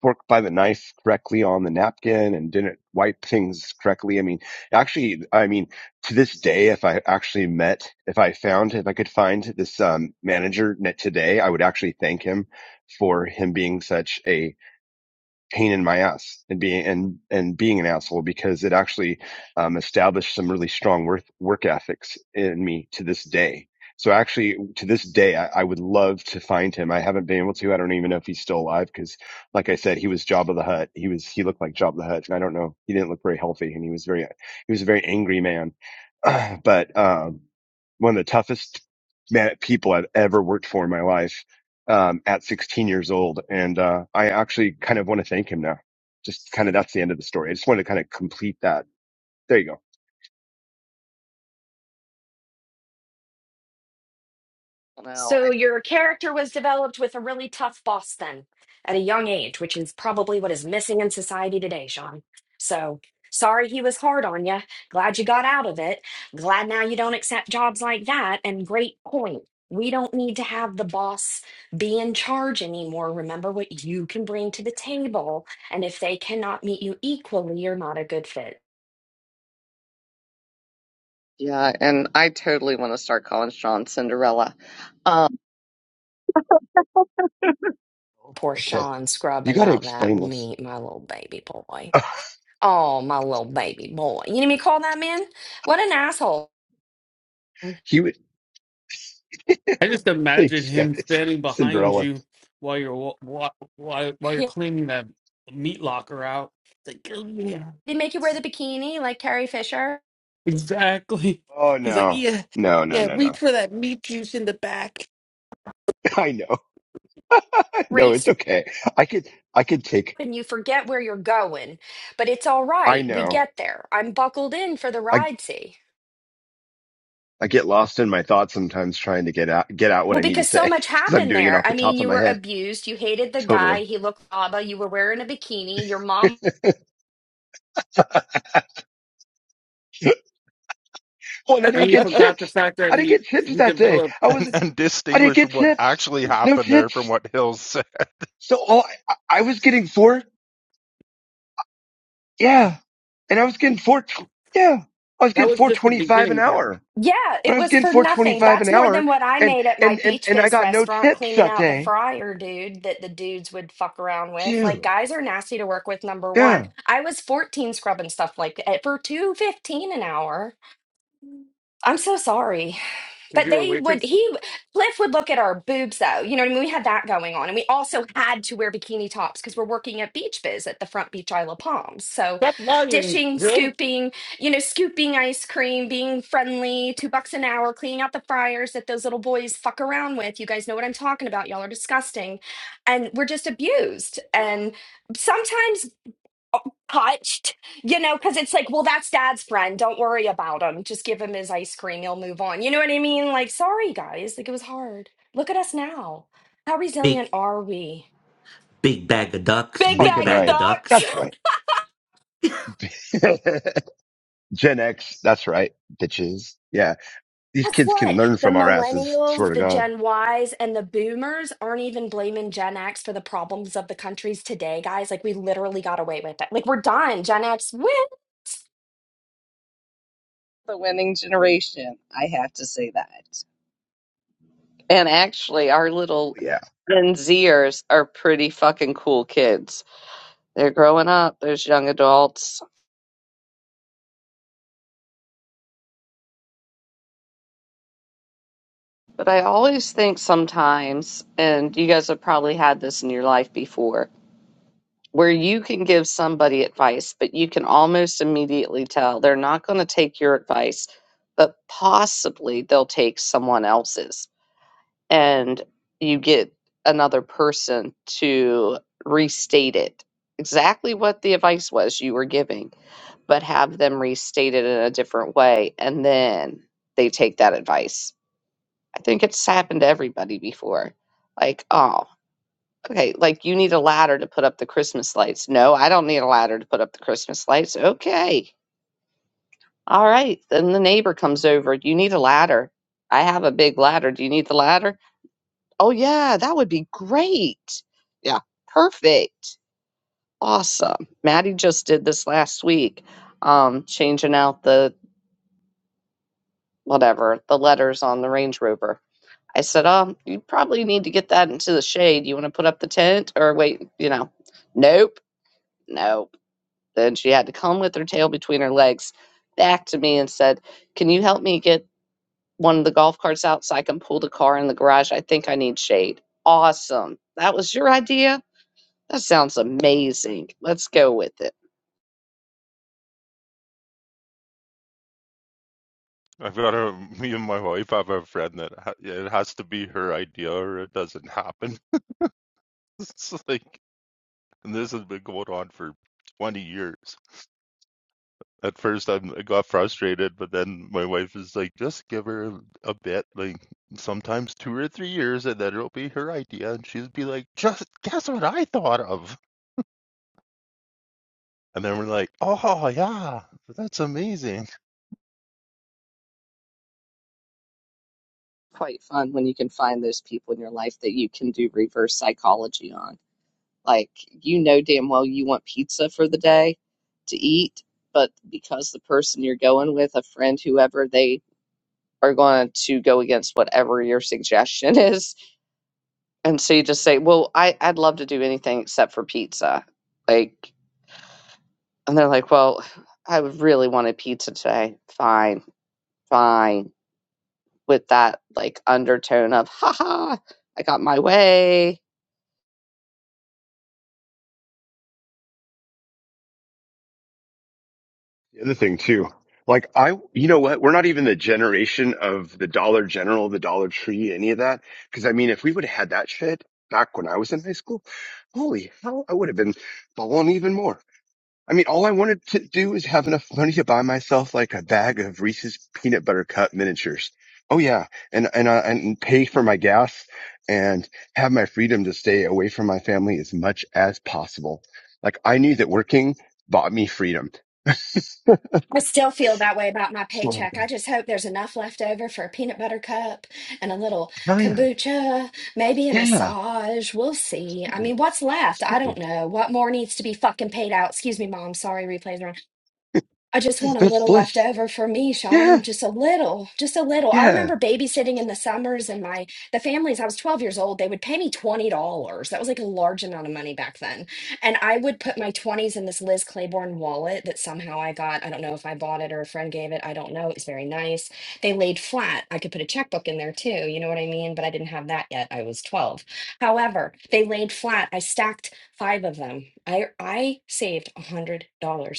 fork by the knife correctly on the napkin and didn't wipe things correctly. I mean, actually, I mean, to this day, if I actually met, if I found, if I could find this um, manager net today, I would actually thank him for him being such a pain in my ass and being and and being an asshole because it actually um, established some really strong work work ethics in me to this day. So actually, to this day, I, I would love to find him. I haven't been able to. I don't even know if he's still alive because, like I said, he was Job of the Hut. He was he looked like Job of the Hut, and I don't know. He didn't look very healthy, and he was very he was a very angry man. but um, one of the toughest man, people I've ever worked for in my life um, at 16 years old. And uh, I actually kind of want to thank him now. Just kind of that's the end of the story. I just wanted to kind of complete that. There you go. No, So I your character was developed with a really tough boss then at a young age, which is probably what is missing in society today, Sean. So sorry he was hard on you. Glad you got out of it. Glad now you don't accept jobs like that. And great point. We don't need to have the boss be in charge anymore. Remember what you can bring to the table. And if they cannot meet you equally, you're not a good fit. yeah, and I totally want to start calling Sean Cinderella. Um, Poor Okay. Sean You scrubbing got to out that explain this. meat, my little baby boy. Oh, my little baby boy. You know what I mean? Call that man? What an asshole. he would. I just imagine thanks, him guys. standing behind Cinderella. you while you're wa- wa- while while you're Yeah, cleaning that meat locker out. It's like, oh, yeah, They make you wear the bikini like Carrie Fisher. exactly. Oh, He's like, no. yeah, No, no, yeah. no, Reach no. for that meat juice in the back. I know. No, Great it's stuff, okay. I could, I could take, and you forget where you're going. But it's all I right. We know. get there. I'm buckled in for the I, ride, see? I get lost in my thoughts sometimes trying to get out, get out what Well, I need to because so say much because I'm happened doing it there. off I the mean, top of you my were head. abused. You hated the Totally. guy. He looked abba. You were wearing a bikini. Your mom well, and I And didn't you get forgot the tips. fact that I didn't he get tips he that day. developed. I was and I didn't distinguish get what tips. actually No happened there from tips. what Hill's So all I, I was getting four. Yeah. And I was getting four. Yeah. I was That getting was just the 425 an beginning part. hour, Yeah, but I it was was getting for nothing. 425 an That's more hour than what I and, made at my and, and, Beach and I Biz got no restaurant tips cleaning that out the day. fryer dude that the dudes would fuck around with. Like Dude. guys are nasty to work with, number one. Yeah. I was 14 scrubbing stuff like that for 215 an hour. I'm so sorry. But they would he Cliff would look at our boobs though. You know what I mean? We had that going on. And we also had to wear bikini tops because we're working at Beach Biz at the front beach Isle of Palms. So Stop lying, dishing, bro. scooping, you know, scooping ice cream, being friendly, two bucks an hour, cleaning out the fryers that those little boys fuck around with. You guys know what I'm talking about. Y'all are disgusting. And we're just abused. And sometimes touched, you know, because it's like, well, that's dad's friend. Don't worry about him. Just give him his ice cream. He'll move on. You know what I mean? Like, sorry, guys. Like, it was hard. Look at us now. How Big resilient are we? big bag of ducks, That's Big big fucking bag of bag right. of ducks. That's ducks. right. Gen X. That's right. Bitches. Yeah. These Guess kids can what? learn The from our asses. Swear millennials, to the God. Gen Ys, and the boomers aren't even blaming Gen X for the problems of the countries today, guys. Like, we literally got away with it. Like, we're done. Gen X, woo! the winning generation, I have to say that. And actually, our little Yeah. Gen Zers are pretty fucking cool kids. They're growing up, there's young adults. But I always think sometimes, and you guys have probably had this in your life before, where you can give somebody advice, but you can almost immediately tell they're not going to take your advice, but possibly they'll take someone else's. And you get another person to restate it exactly what the advice was you were giving, but have them restate it in a different way. And then they take that advice. I think it's happened to everybody before. Like, oh, Okay, like you need a ladder to put up the Christmas lights. No, I don't need a ladder to put up the Christmas lights. Okay. All right. Then the neighbor comes over. You need a ladder. I have a big ladder. Do you need the ladder? Oh, yeah, that would be great. Yeah, perfect. Awesome. Maddie just did this last week, um, changing out the whatever, the letters on the Range Rover. I said, um, you probably need to get that into the shade. You want to put up the tent or wait, you know, nope, no Then she had to come with her tail between her legs back to me and said, Can you help me get one of the golf carts out so I can pull the car in the garage? I think I need shade. Awesome. That was your idea? That sounds amazing. Let's go with it. I've got a me and my wife have a friend that ha it has to be her idea or it doesn't happen. It's like, and this has been going on for 20 years. At first, I'm, I got frustrated, but then my wife is like, just give her a a bit, like sometimes two or three years, and then it'll be her idea. And she'll be like, just guess what I thought of. And then we're like, oh, yeah, that's amazing. Quite fun when you can find those people in your life that you can do reverse psychology on. Like, you know damn well you want pizza for the day to eat, but because the person you're going with, a friend, whoever, they are going to go against whatever your suggestion is And so you just say, "Well, I I'd love to do anything except for pizza." Like, and they're like, "Well, I really wanted pizza today." Fine, fine. With that like undertone of, "Ha ha, I got my way." The other thing too, like I, you know what? We're not even the generation of the Dollar General, the Dollar Tree, any of that. Because I mean, if we would have had that shit back when I was in high school, holy hell, I would have been balling even more. I mean, all I wanted to do is have enough money to buy myself like a bag of Reese's peanut butter cup miniatures. Oh yeah, and and uh, and pay for my gas and have my freedom to stay away from my family as much as possible. Like I knew that working bought me freedom. I still feel that way about my paycheck. I just hope there's enough left over for a peanut butter cup and a little Oh yeah, kombucha, maybe a yeah, massage. We'll see. I Totally. mean, what's left? I Totally. don't know. What more needs to be fucking paid out? Excuse me, mom. Sorry, replays are on. I just want a that's little left bliss. over for me, Yeah, Sean. Just a little, just a little. I yeah, remember babysitting in the summers and my the families, I was 12 years old, they would pay me $20. That was like a large amount of money back then. And I would put my 20s in this Liz Claiborne wallet that somehow I got. I don't know if I bought it or a friend gave it. I don't know. It was very nice. They laid flat. I could put a checkbook in there too, you know what I mean? But I didn't have that yet. I was 12. However, they laid flat. I stacked five of them. I I saved $100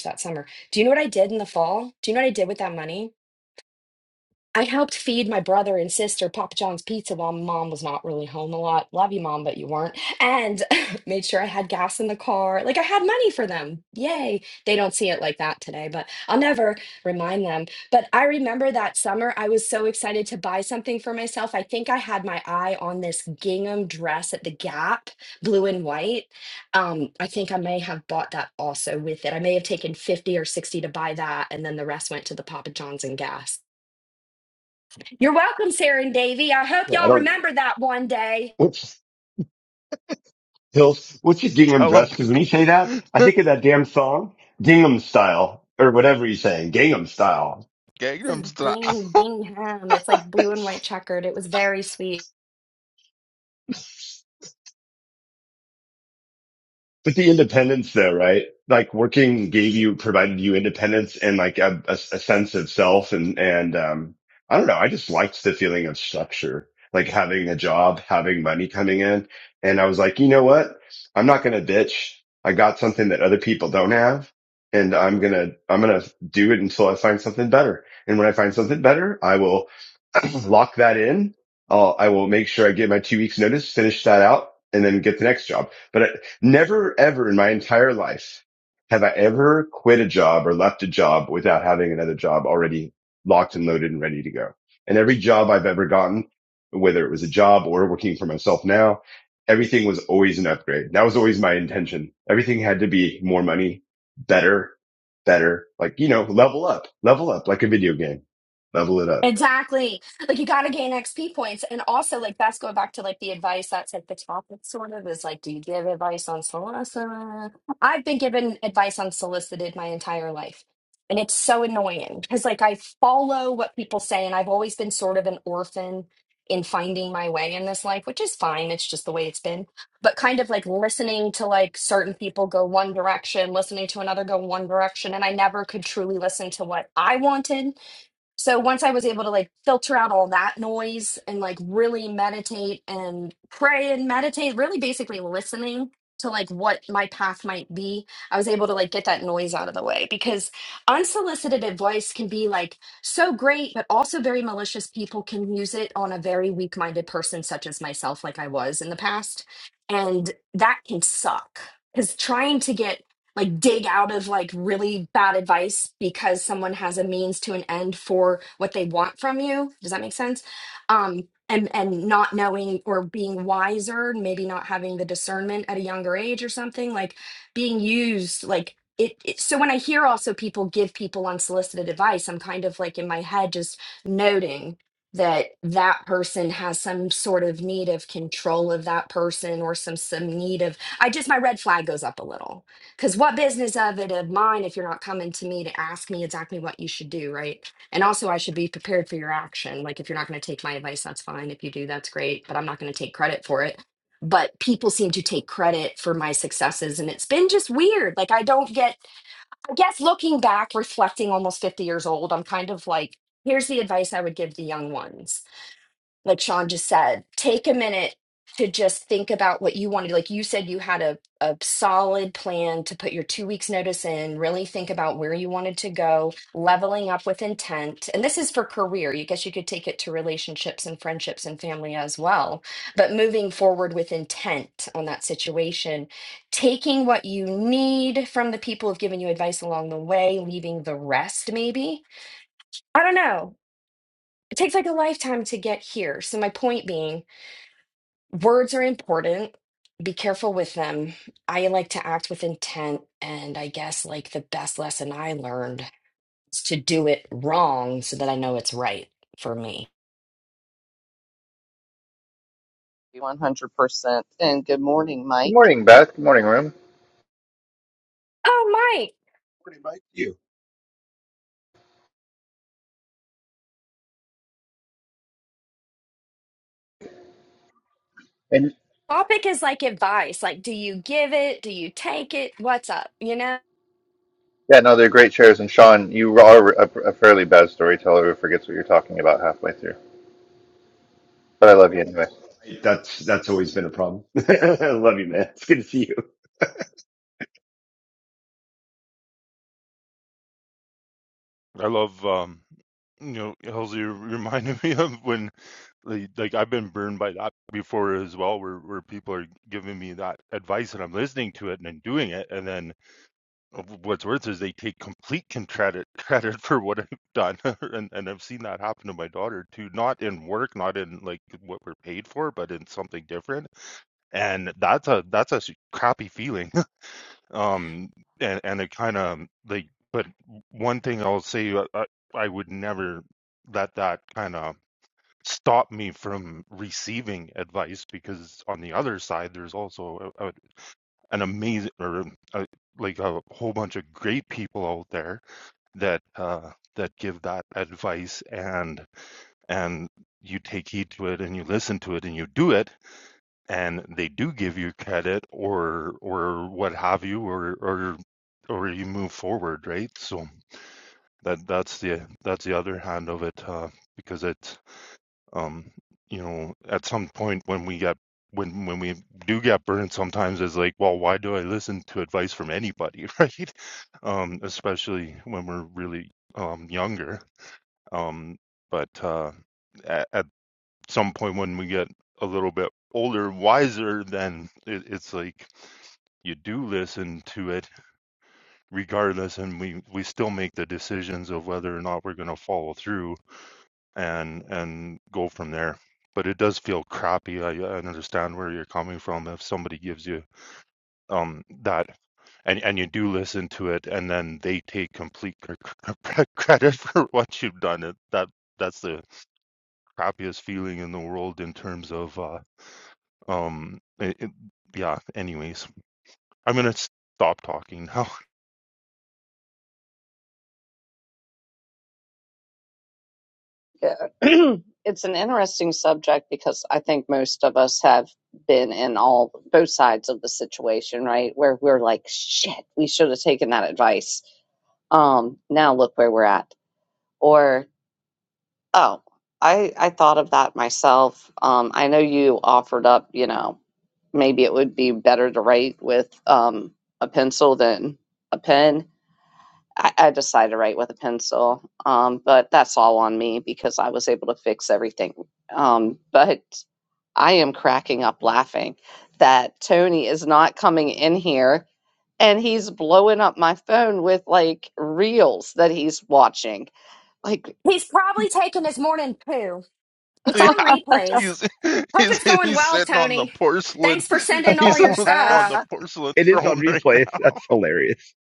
that summer do you know what I did in the fall? Do you know what I did with that money? I helped feed my brother and sister Papa John's pizza while mom was not really home a lot. Love you, mom, but you weren't. And made sure I had gas in the car. Like I had money for them. Yay. They don't see it like that today, but I'll never remind them. But I remember that summer, I was so excited to buy something for myself. I think I had my eye on this gingham dress at the Gap, blue and white. Um, I think I may have bought that also with it. I may have taken 50 or 60 to buy that, and then the rest went to the Papa John's and gas. You're welcome, Sarah and Davy. I hope yeah. I y'all don't. remember that one day. What's Hills? What's your gingham Tell him dress? to Because when you say that, I g- think of that damn song, Gingham Style, or whatever he's saying, Gingham Style. This is Gangnam Style. Bing Bingham. It's like blue and white checkered. It was very sweet. But the independence though, right? Like working gave you, provided you independence and like a, a, a sense of self. And, and, um, I don't know. I just liked the feeling of structure, like having a job, having money coming in. And I was like, you know what? I'm not going to bitch. I got something that other people don't have and I'm going to, I'm going to do it until I find something better. And when I find something better, I will lock that in. Uh, I will make sure I get my two weeks notice, finish that out, and then get the next job. But I, never ever in my entire life have I ever quit a job or left a job without having another job already locked and loaded and ready to go. And every job I've ever gotten, whether it was a job or working for myself now, everything was always an upgrade. That was always my intention. Everything had to be more money, better, better, like, you know, level up, level up like a video game, level it up. Exactly. Like you gotta gain XP points. And also like that's going back to like the advice that's at the top It sort of is like, do you give advice on solicited? I've been given advice on solicited my entire life. And it's so annoying because like I follow what people say and I've always been sort of an orphan in finding my way in this life, which is fine. It's just the way it's been. But kind of like listening to like certain people go one direction, listening to another go one direction, and I never could truly listen to what I wanted so once I was able to like filter out all that noise and like really meditate and pray and meditate, really basically listening to like what my path might be, I was able to like get that noise out of the way because unsolicited advice can be like so great, but also very malicious people can use it on a very weak minded person, such as myself, like I was in the past. And that can suck because trying to get like dig out of like really bad advice because someone has a means to an end for what they want from you does that make sense um and and not knowing or being wiser maybe not having the discernment at a younger age or something like being used like it, it so when i hear also people give people unsolicited advice i'm kind of like in my head just noting that that person has some sort of need of control of that person or some some need of i just my red flag goes up a little because what business of it of mine if you're not coming to me to ask me exactly what you should do, right? And also, I should be prepared for your action. Like, if you're not going to take my advice, that's fine. If you do, that's great, but I'm not going to take credit for it. But people seem to take credit for my successes, and it's been just weird. Like, I don't get, I guess, looking back, reflecting almost 50 years old, I'm kind of like, here's the advice I would give the young ones like Sean just said, take a minute to just think about what you wanted. Like you said, you had a, a solid plan to put your two weeks notice in, really think about where you wanted to go, leveling up with intent. And this is for career. You guess you could take it to relationships and friendships and family as well. But moving forward with intent on that situation, taking what you need from the people who've given you advice along the way, leaving the rest maybe. I don't know. It takes like a lifetime to get here. So my point being, Words are important. Be careful with them. I like to act with intent. And I guess, like, the best lesson I learned is to do it wrong so that I know it's right for me. One hundred percent. And good morning, Good Mike. morning, Beth. Good morning, room. Oh, wait. Morning, Mike. You. And Topic is advice. Like, do you give it? Do you take? What's up? You know? yeah, no, they're great shares. And Sean, you are a, a fairly bad storyteller who forgets what you're talking about halfway through. But I love you anyway. That's that's always been a problem. I Love you, man. It's good to see you. I love, um, you know, Halsey reminded me of when, like, like, I've been burned by that before as well, where where people are giving me that advice and I'm listening to it and then doing it, and then what's worse is they take complete con- credit credit for what I've done, and and I've seen that happen to my daughter too, not in work, not in like what we're paid for, but in something different, and that's a that's a s- crappy feeling um and and it kind of like but one thing i'll say uh, I, I would never let that kind of stop me from receiving advice because on the other side there's also a, a, an amazing or um, a, like a whole bunch of great people out there that uh that give that advice and and you take heed to it and you listen to it and you do it and they do give you credit or or what have you or or or you move forward, right? So that that's the that's the other hand of it, uh, because it's um, you know, at some point when we get when when we do get burned, sometimes it's like, well, why do I listen to advice from anybody, right? Um, especially when we're really um younger. Um, but uh, at, at some point when we get a little bit older, wiser, then it, it's like you do listen to it regardless and we we still make the decisions of whether or not we're going to follow through and and go from there but it does feel crappy I, I understand where you're coming from if somebody gives you um that and and you do listen to it and then they take complete cr- cr- credit for what you've done it that that's the crappiest feeling in the world in terms of uh um it, it- yeah anyways i'm going to stop talking now. Yeah. it's an interesting subject because I think most of us have been in all both sides of the situation, right? Where we're like, "Shit, we should have taken that advice." Um, now look where we're at, or Oh, I I thought of that myself. Um, I know you offered up, you know, maybe it would be better to write with um, a pencil than a pen. I, I decided to write with a pencil, um, but that's all on me because I was able to fix everything. Um, but I am cracking up laughing that Tony is not coming in here and he's blowing up my phone with like reels that he's watching. Like He's probably taking his morning poo. It's Yeah, on replays. he's, Hope he's it's going he's well, sitting on the Tony. porcelain. Thanks for sending all He's on your stuff. the it porcelain is on throne right now. replay. That's hilarious.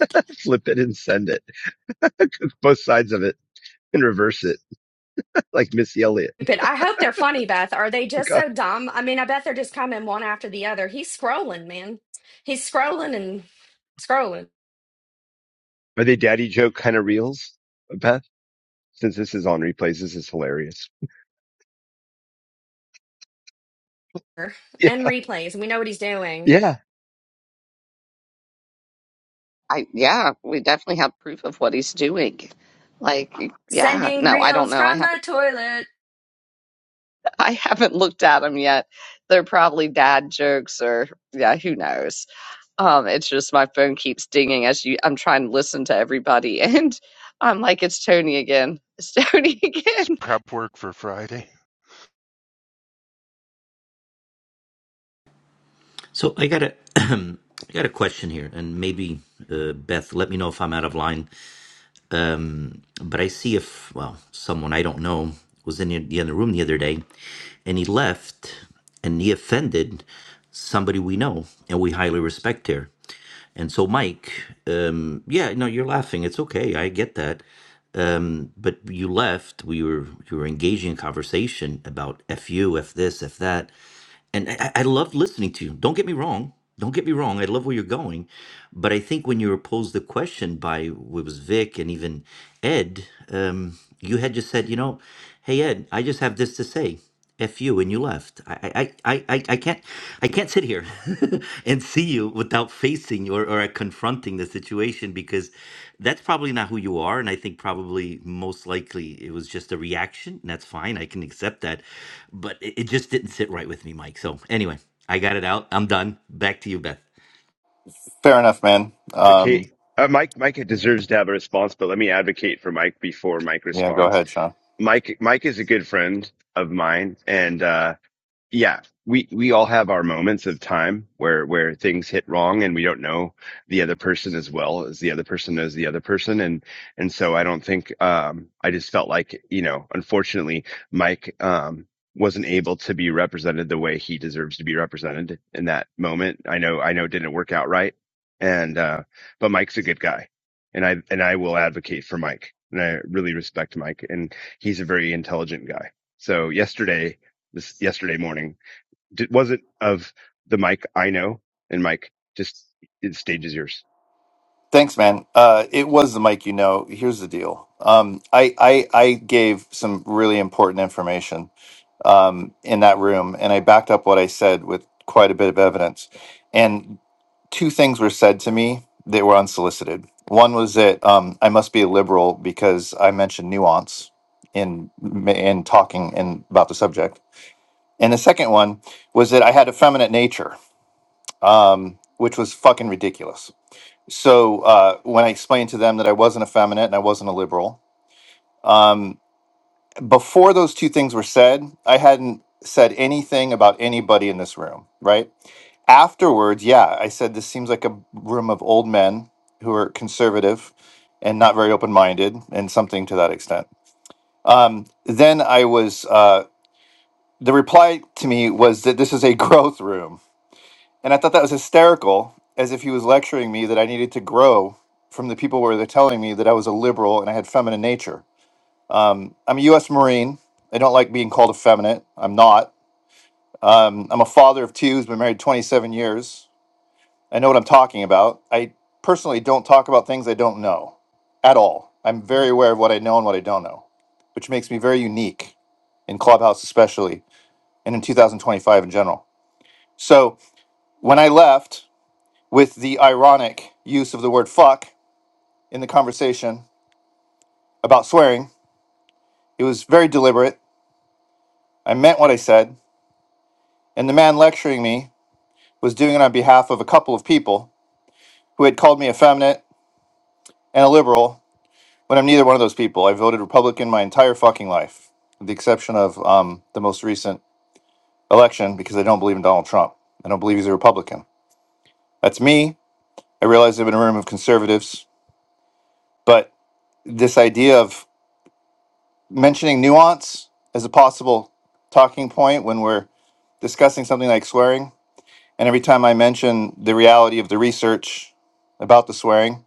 Flip it and send it. Both sides of it and reverse it, like Missy Elliott. stupid. I hope they're funny, Beth. Are they Like, just uh, so dumb? I mean, I bet they're just coming one after the other. He's scrolling, man. He's scrolling and scrolling Are they daddy joke kind of reels, Beth? Since this is on replays, this is hilarious. Yeah, and replays, and we know what he's doing. yeah. I yeah, we definitely have proof of what he's doing. Like yeah, Sending no, I don't reels know. I from the haven't toilet. I haven't looked at them yet. They're probably dad jokes or yeah, who knows. Um, it's just my phone keeps dinging as you. I'm trying to listen to everybody, and I'm like, it's Tony again. It's Tony It's again. prep work for Friday. So I got a I got a question here, and maybe uh, Beth, let me know if I'm out of line. Um, but I see if well, someone I don't know was in the the other room the other day, and he left, and he offended somebody we know and we highly respect here. And so, Mike, um, yeah, no, you're laughing. It's okay. I get that. Um, but you left. We were you were engaging in conversation about f you, f this, f that, and I, I I love listening to you. Don't get me wrong. Don't get me wrong. I love where you're going, but I think when you were posed the question by it was Vic and even Ed, um, you had just said, you know, hey Ed, I just have this to say, f you, and you left. I I I I, I I can't I can't sit here and see you without facing or, or confronting the situation because that's probably not who you are and i think probably most likely it was just a reaction and that's fine i can accept that but it, it just didn't sit right with me mike so anyway i got it out i'm done back to you beth Fair enough, man. Um, Advocate. Uh, Mike, Micah deserves to have a response, but let me advocate for Mike before Mike yeah, go responds. ahead, Sean. Mike, Mike is a good friend of mine, and uh, yeah we we all have our moments of time where where things hit wrong and we don't know the other person as well as the other person knows the other person and and so i don't think um i just felt like you know unfortunately mike um wasn't able to be represented the way he deserves to be represented in that moment i know i know it didn't work out right and uh but mike's a good guy and i and i will advocate for mike and i really respect mike and he's a very intelligent guy so yesterday this yesterday morning. Did, was it of the Mike I know? And Mike, just the stage is yours. Thanks, man. Uh, it was the mic, you know. Here's the deal. Um, I, I I gave some really important information um, in that room, and I backed up what I said with quite a bit of evidence. And two things were said to me that were unsolicited. One was that um, I must be a liberal because I mentioned nuance in in talking in, about the subject, and the second one was that I had effeminate nature, um, which was fucking ridiculous. So uh, when I explained to them that I wasn't effeminate and I wasn't a liberal, um, before those two things were said, I hadn't said anything about anybody in this room, right? afterwards, yeah, I said this seems like a room of old men who are conservative and not very open minded, and something to that extent. Um, then I was uh, the reply to me was that this is a growth room, and I thought that was hysterical, as if he was lecturing me that I needed to grow from the people where they're telling me that I was a liberal and I had feminine nature. Um, I'm a U.S. Marine. I don't like being called effeminate. I'm not. Um, I'm a father of two who's been married 27 years I know what I'm talking about. I personally don't talk about things I don't know at all. I'm very aware of what I know and what I don't know, which makes me very unique in Clubhouse, especially, and in 2025 in general. So when I left with the ironic use of the word fuck in the conversation about swearing, it was very deliberate. I meant what I said. And the man lecturing me was doing it on behalf of a couple of people who had called me effeminate and a liberal When I'm neither one of those people, I voted Republican my entire fucking life, with the exception of um, the most recent election because I don't believe in Donald Trump. I don't believe he's a Republican. That's me. I realize I'm in a room of conservatives, but this idea of mentioning nuance as a possible talking point when we're discussing something like swearing, and every time I mention the reality of the research about the swearing,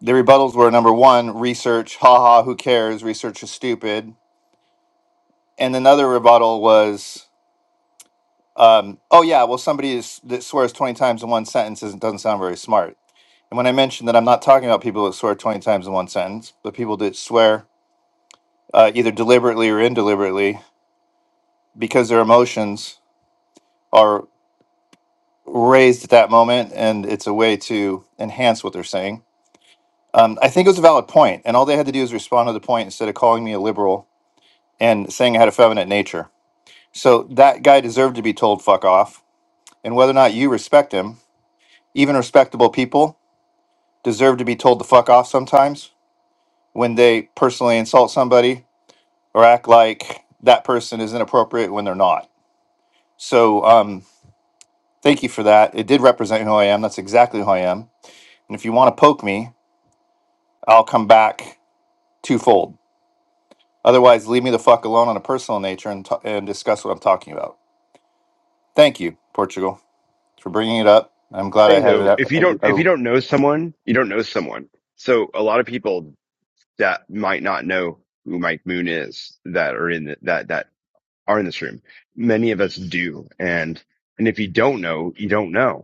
the rebuttals were number one, research, haha, who cares, research is stupid. And another rebuttal was Um, oh yeah, well somebody is, that swears twenty times in one sentence isn't, doesn't sound very smart. And when I mentioned that I'm not talking about people that swear twenty times in one sentence, but people that swear uh, either deliberately or indeliberately because their emotions are raised at that moment, and it's a way to enhance what they're saying. Um, I think it was a valid point, and all they had to do is respond to the point instead of calling me a liberal and saying I had a feminine nature. So that guy deserved to be told fuck off. And whether or not you respect him, even respectable people deserve to be told to fuck off sometimes when they personally insult somebody or act like that person is inappropriate when they're not. So, um, thank you for that. It did represent who I am. That's exactly who I am. And if you want to poke me, I'll come back twofold. Otherwise, leave me the fuck alone on a personal nature and, t- and discuss what I'm talking about. Thank you, Portugal, for bringing it up. I'm glad Say I had it though, up. if you don't, I- if I- you don't know someone, you don't know someone. So a lot of people that might not know who Mike Moon is that are in the, that that are in this room. Many of us do, and and if you don't know, you don't know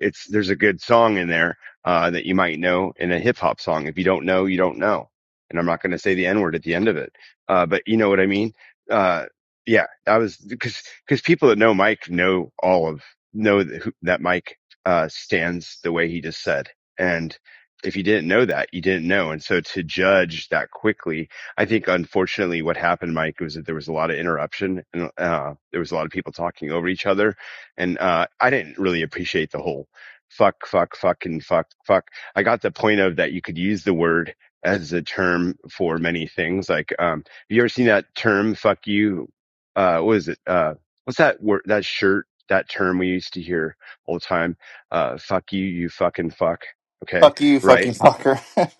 It's there's a good song in there uh, that you might know in a hip hop song. If you don't know, you don't know. And I'm not going to say the N word at the end of it, uh, but you know what I mean. Uh, yeah, I was because because people that know Mike know all of know that, who- that Mike uh, stands the way he just said. And if you didn't know that, you didn't know. And so to judge that quickly I think unfortunately what happened, Mike, was that there was a lot of interruption and uh, there was a lot of people talking over each other, and uh, I didn't really appreciate the whole fuck, fuck, fuck, and fuck, fuck. I got the point of that you could use the word as a term for many things. Like, um, have you ever seen that term, fuck you? Uh, what is it? Uh, what's that word, that shirt, that term we used to hear all the time? Uh, fuck you, you fucking fuck. Okay. fuck you, Right. fucking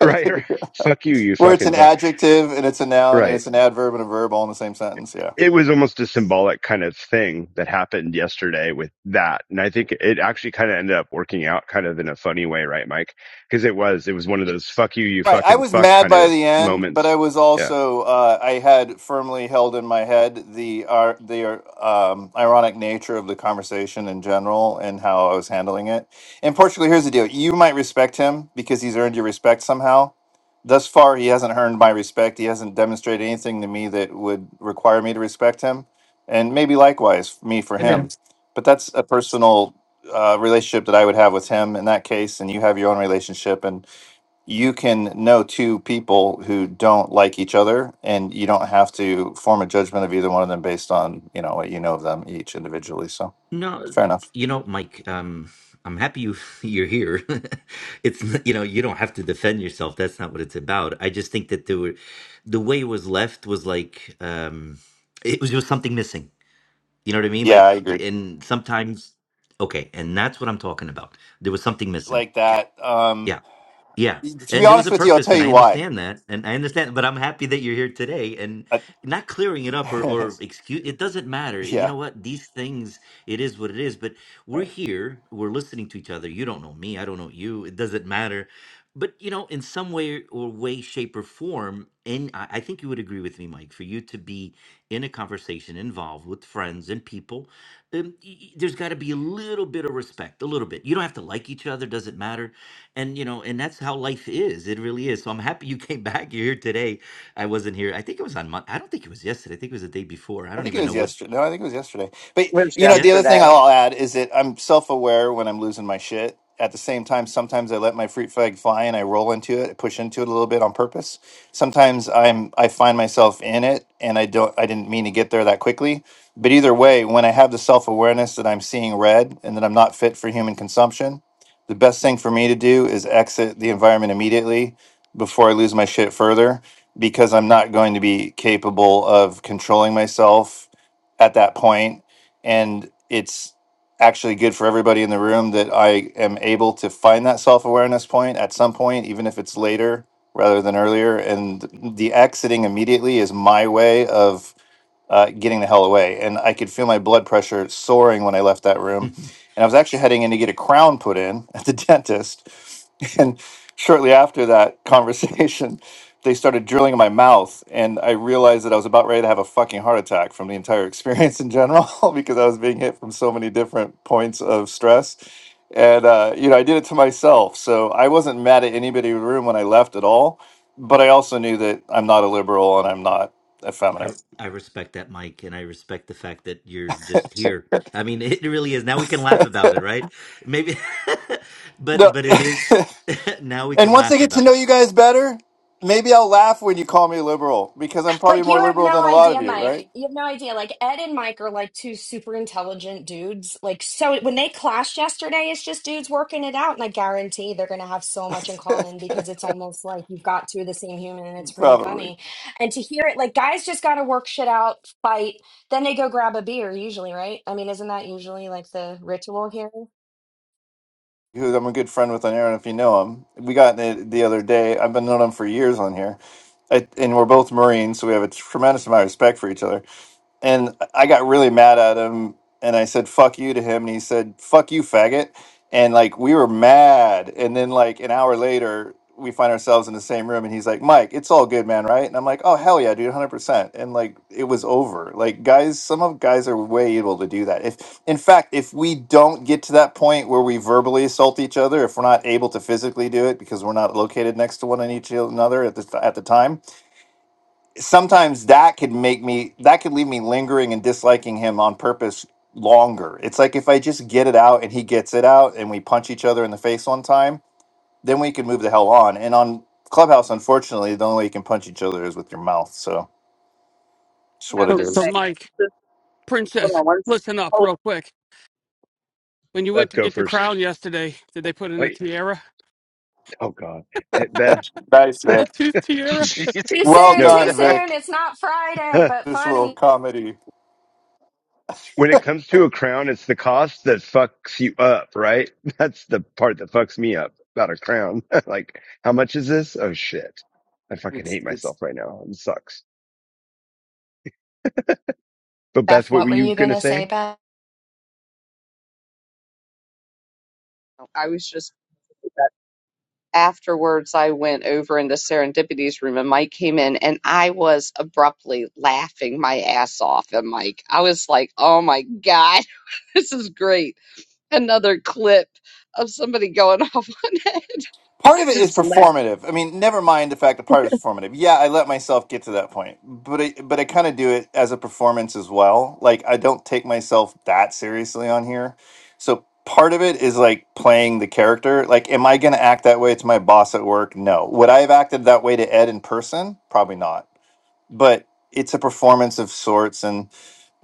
Right. right. Fuck you, you Where it's fucking an fuck. adjective and it's a noun and Right it's an adverb and a verb all in the same sentence. Yeah. it was almost a symbolic kind of thing that happened yesterday with that. And I think it actually kind of ended up working out kind of in a funny way, right, Mike? Because it was, it was one of those fuck you, you Right. I fucking was fuck mad kind by of the end, but I moments. was Yeah. also uh, I had firmly held in my head the ar the um, ironic nature of the conversation in general and how I was handling it. And particularly, here's the deal: you might respect him because he's earned your respect somehow. Thus far, he hasn't earned my respect. He hasn't demonstrated anything to me that would require me to respect him, and maybe likewise me for And then- him. But that's a personal uh, relationship that I would have with him in that case, and you have your own relationship. And you can know two people who don't like each other and you don't have to form a judgment of either one of them based on you know what you know of them each individually so no fair y- enough you know mike um i'm happy you you're here it's n- you know you don't have to defend yourself that's not what it's about i just think that there were the way it was left was like um it was just something missing You know what I mean? yeah i Like, agree and sometimes, okay, and that's what I'm talking about. There was something missing. like that um Yeah. Yeah. to be And there was honest a with you i'll purpose, tell and you I why understand that. And I understand, but I'm happy that you're here today and I, not clearing it up or, or excuse it doesn't matter. You yeah know what? These things, it is what it is. But we're right here, we're listening to each other. You don't know me, I don't know you. It doesn't matter. But you know, in some way or way, shape, or form, and I I think you would agree with me, Mike, for you to be in a conversation involved with friends and people, um, y- y- there's got to be a little bit of respect, a little bit. You don't have to like each other, doesn't matter and you know and that's how life is it really is so i'm happy you came back you're here today i wasn't here i think it was on Mon- i don't think it was yesterday i think it was the day before i I don't think it even was know what yesterday. No, I think it was yesterday. But It was you know, yeah the other yesterday. thing I'll add is that I'm self-aware when I'm losing my shit. At the same time, sometimes I let my fruit flag fly and I roll into it, I push into it a little bit on purpose. Sometimes I'm I find myself in it and I don't I didn't mean to get there that quickly. But either way, when I have the self-awareness that I'm seeing red and that I'm not fit for human consumption, the best thing for me to do is exit the environment immediately before I lose my shit further because I'm not going to be capable of controlling myself at that point. And it's actually good for everybody in the room that I am able to find that self awareness point at some point, even if it's later rather than earlier. And the exiting immediately is my way of uh, getting the hell away. And I could feel my blood pressure soaring when I left that room. I, And I was actually heading in to get a crown put in at the dentist. And shortly after that conversation, they started drilling in my mouth. And I realized that I was about ready to have a fucking heart attack from the entire experience in general because I was being hit from so many different points of stress. And, uh, you know, I did it to myself. So I wasn't mad at anybody in the room when I left at all. But I also knew that I'm not a liberal and I'm not effeminate re- I respect that mike and i respect the fact that you're just here i mean it really is now we can laugh about it right maybe but No. but it is now we and can once I laugh get to about know you guys better, maybe I'll laugh when you call me liberal because I'm probably Like more you have liberal no than a lot of idea, you, Mike. right? You have no idea. Like Ed and Mike are like two super intelligent dudes. Like so when they clashed yesterday, it's just dudes working it out, and I guarantee they're gonna have so much in common because it's almost like you've got two of the same human, and it's pretty Probably. funny. And to hear it, like guys just gotta work shit out, fight, then they go grab a beer, usually, right? I mean, isn't that usually like the ritual here? Who I'm a good friend with on Aaron, if you know him. We got in it the other day. I've been known him for years on here. I, and we're both Marines, so we have a tremendous amount of respect for each other. and I got really mad at him and I said fuck you to him and he said fuck you faggot and like we were mad and then like an hour later we find ourselves in the same room and he's like Mike it's all good man right and I'm like oh hell yeah dude 100% and like it was over like guys some of guys are way able to do that if in fact if we don't get to that point where we verbally assault each other if we're not able to physically do it because we're not located next to one and each another at the at the time sometimes that could make me that could leave me lingering and disliking him on purpose longer. It's like if I just get it out and he gets it out and we punch each other in the face one time, then we can move the hell on. And on Clubhouse, unfortunately, the only way you can punch each other is with your mouth. So it's I what have it So, to so is. say, Mike, just hold princess, on one. listen up Hold. real quick. When you went Beth, to go get your first. crown yesterday, did they put in a Wait. tiara? Oh, God. Hey, Beth. Nice, A Vic. tooth tiara? Jesus. Jesus, Too Well soon, No. too done, Vic. soon. Vic. It's not Friday, but This little funny. comedy. When it comes to a crown, it's the cost that fucks you up, right? That's the part that fucks me up about a crown. like, how much is this? Oh, shit. I fucking It's hate it's myself right now. It sucks. But Beth, Beth, what what were were you you going to gonna say, say? Beth? on. I was just. afterwards I went over into Serendipity's room and Mike came in and I was abruptly laughing my ass off And Mike. I was like, oh my God, this is great. Another clip of somebody going off on it. part I of it is just laughed. performative. I mean, never mind the fact that part of it's performative. Yeah, I let myself get to that point, but I, but I kind of do it as a performance as well. Like I don't take myself that seriously on here, so part of it is like playing the character. Like, am I going to act that way to my boss at work? No. Would I have acted that way to Ed in person? Probably not but it's a performance of sorts and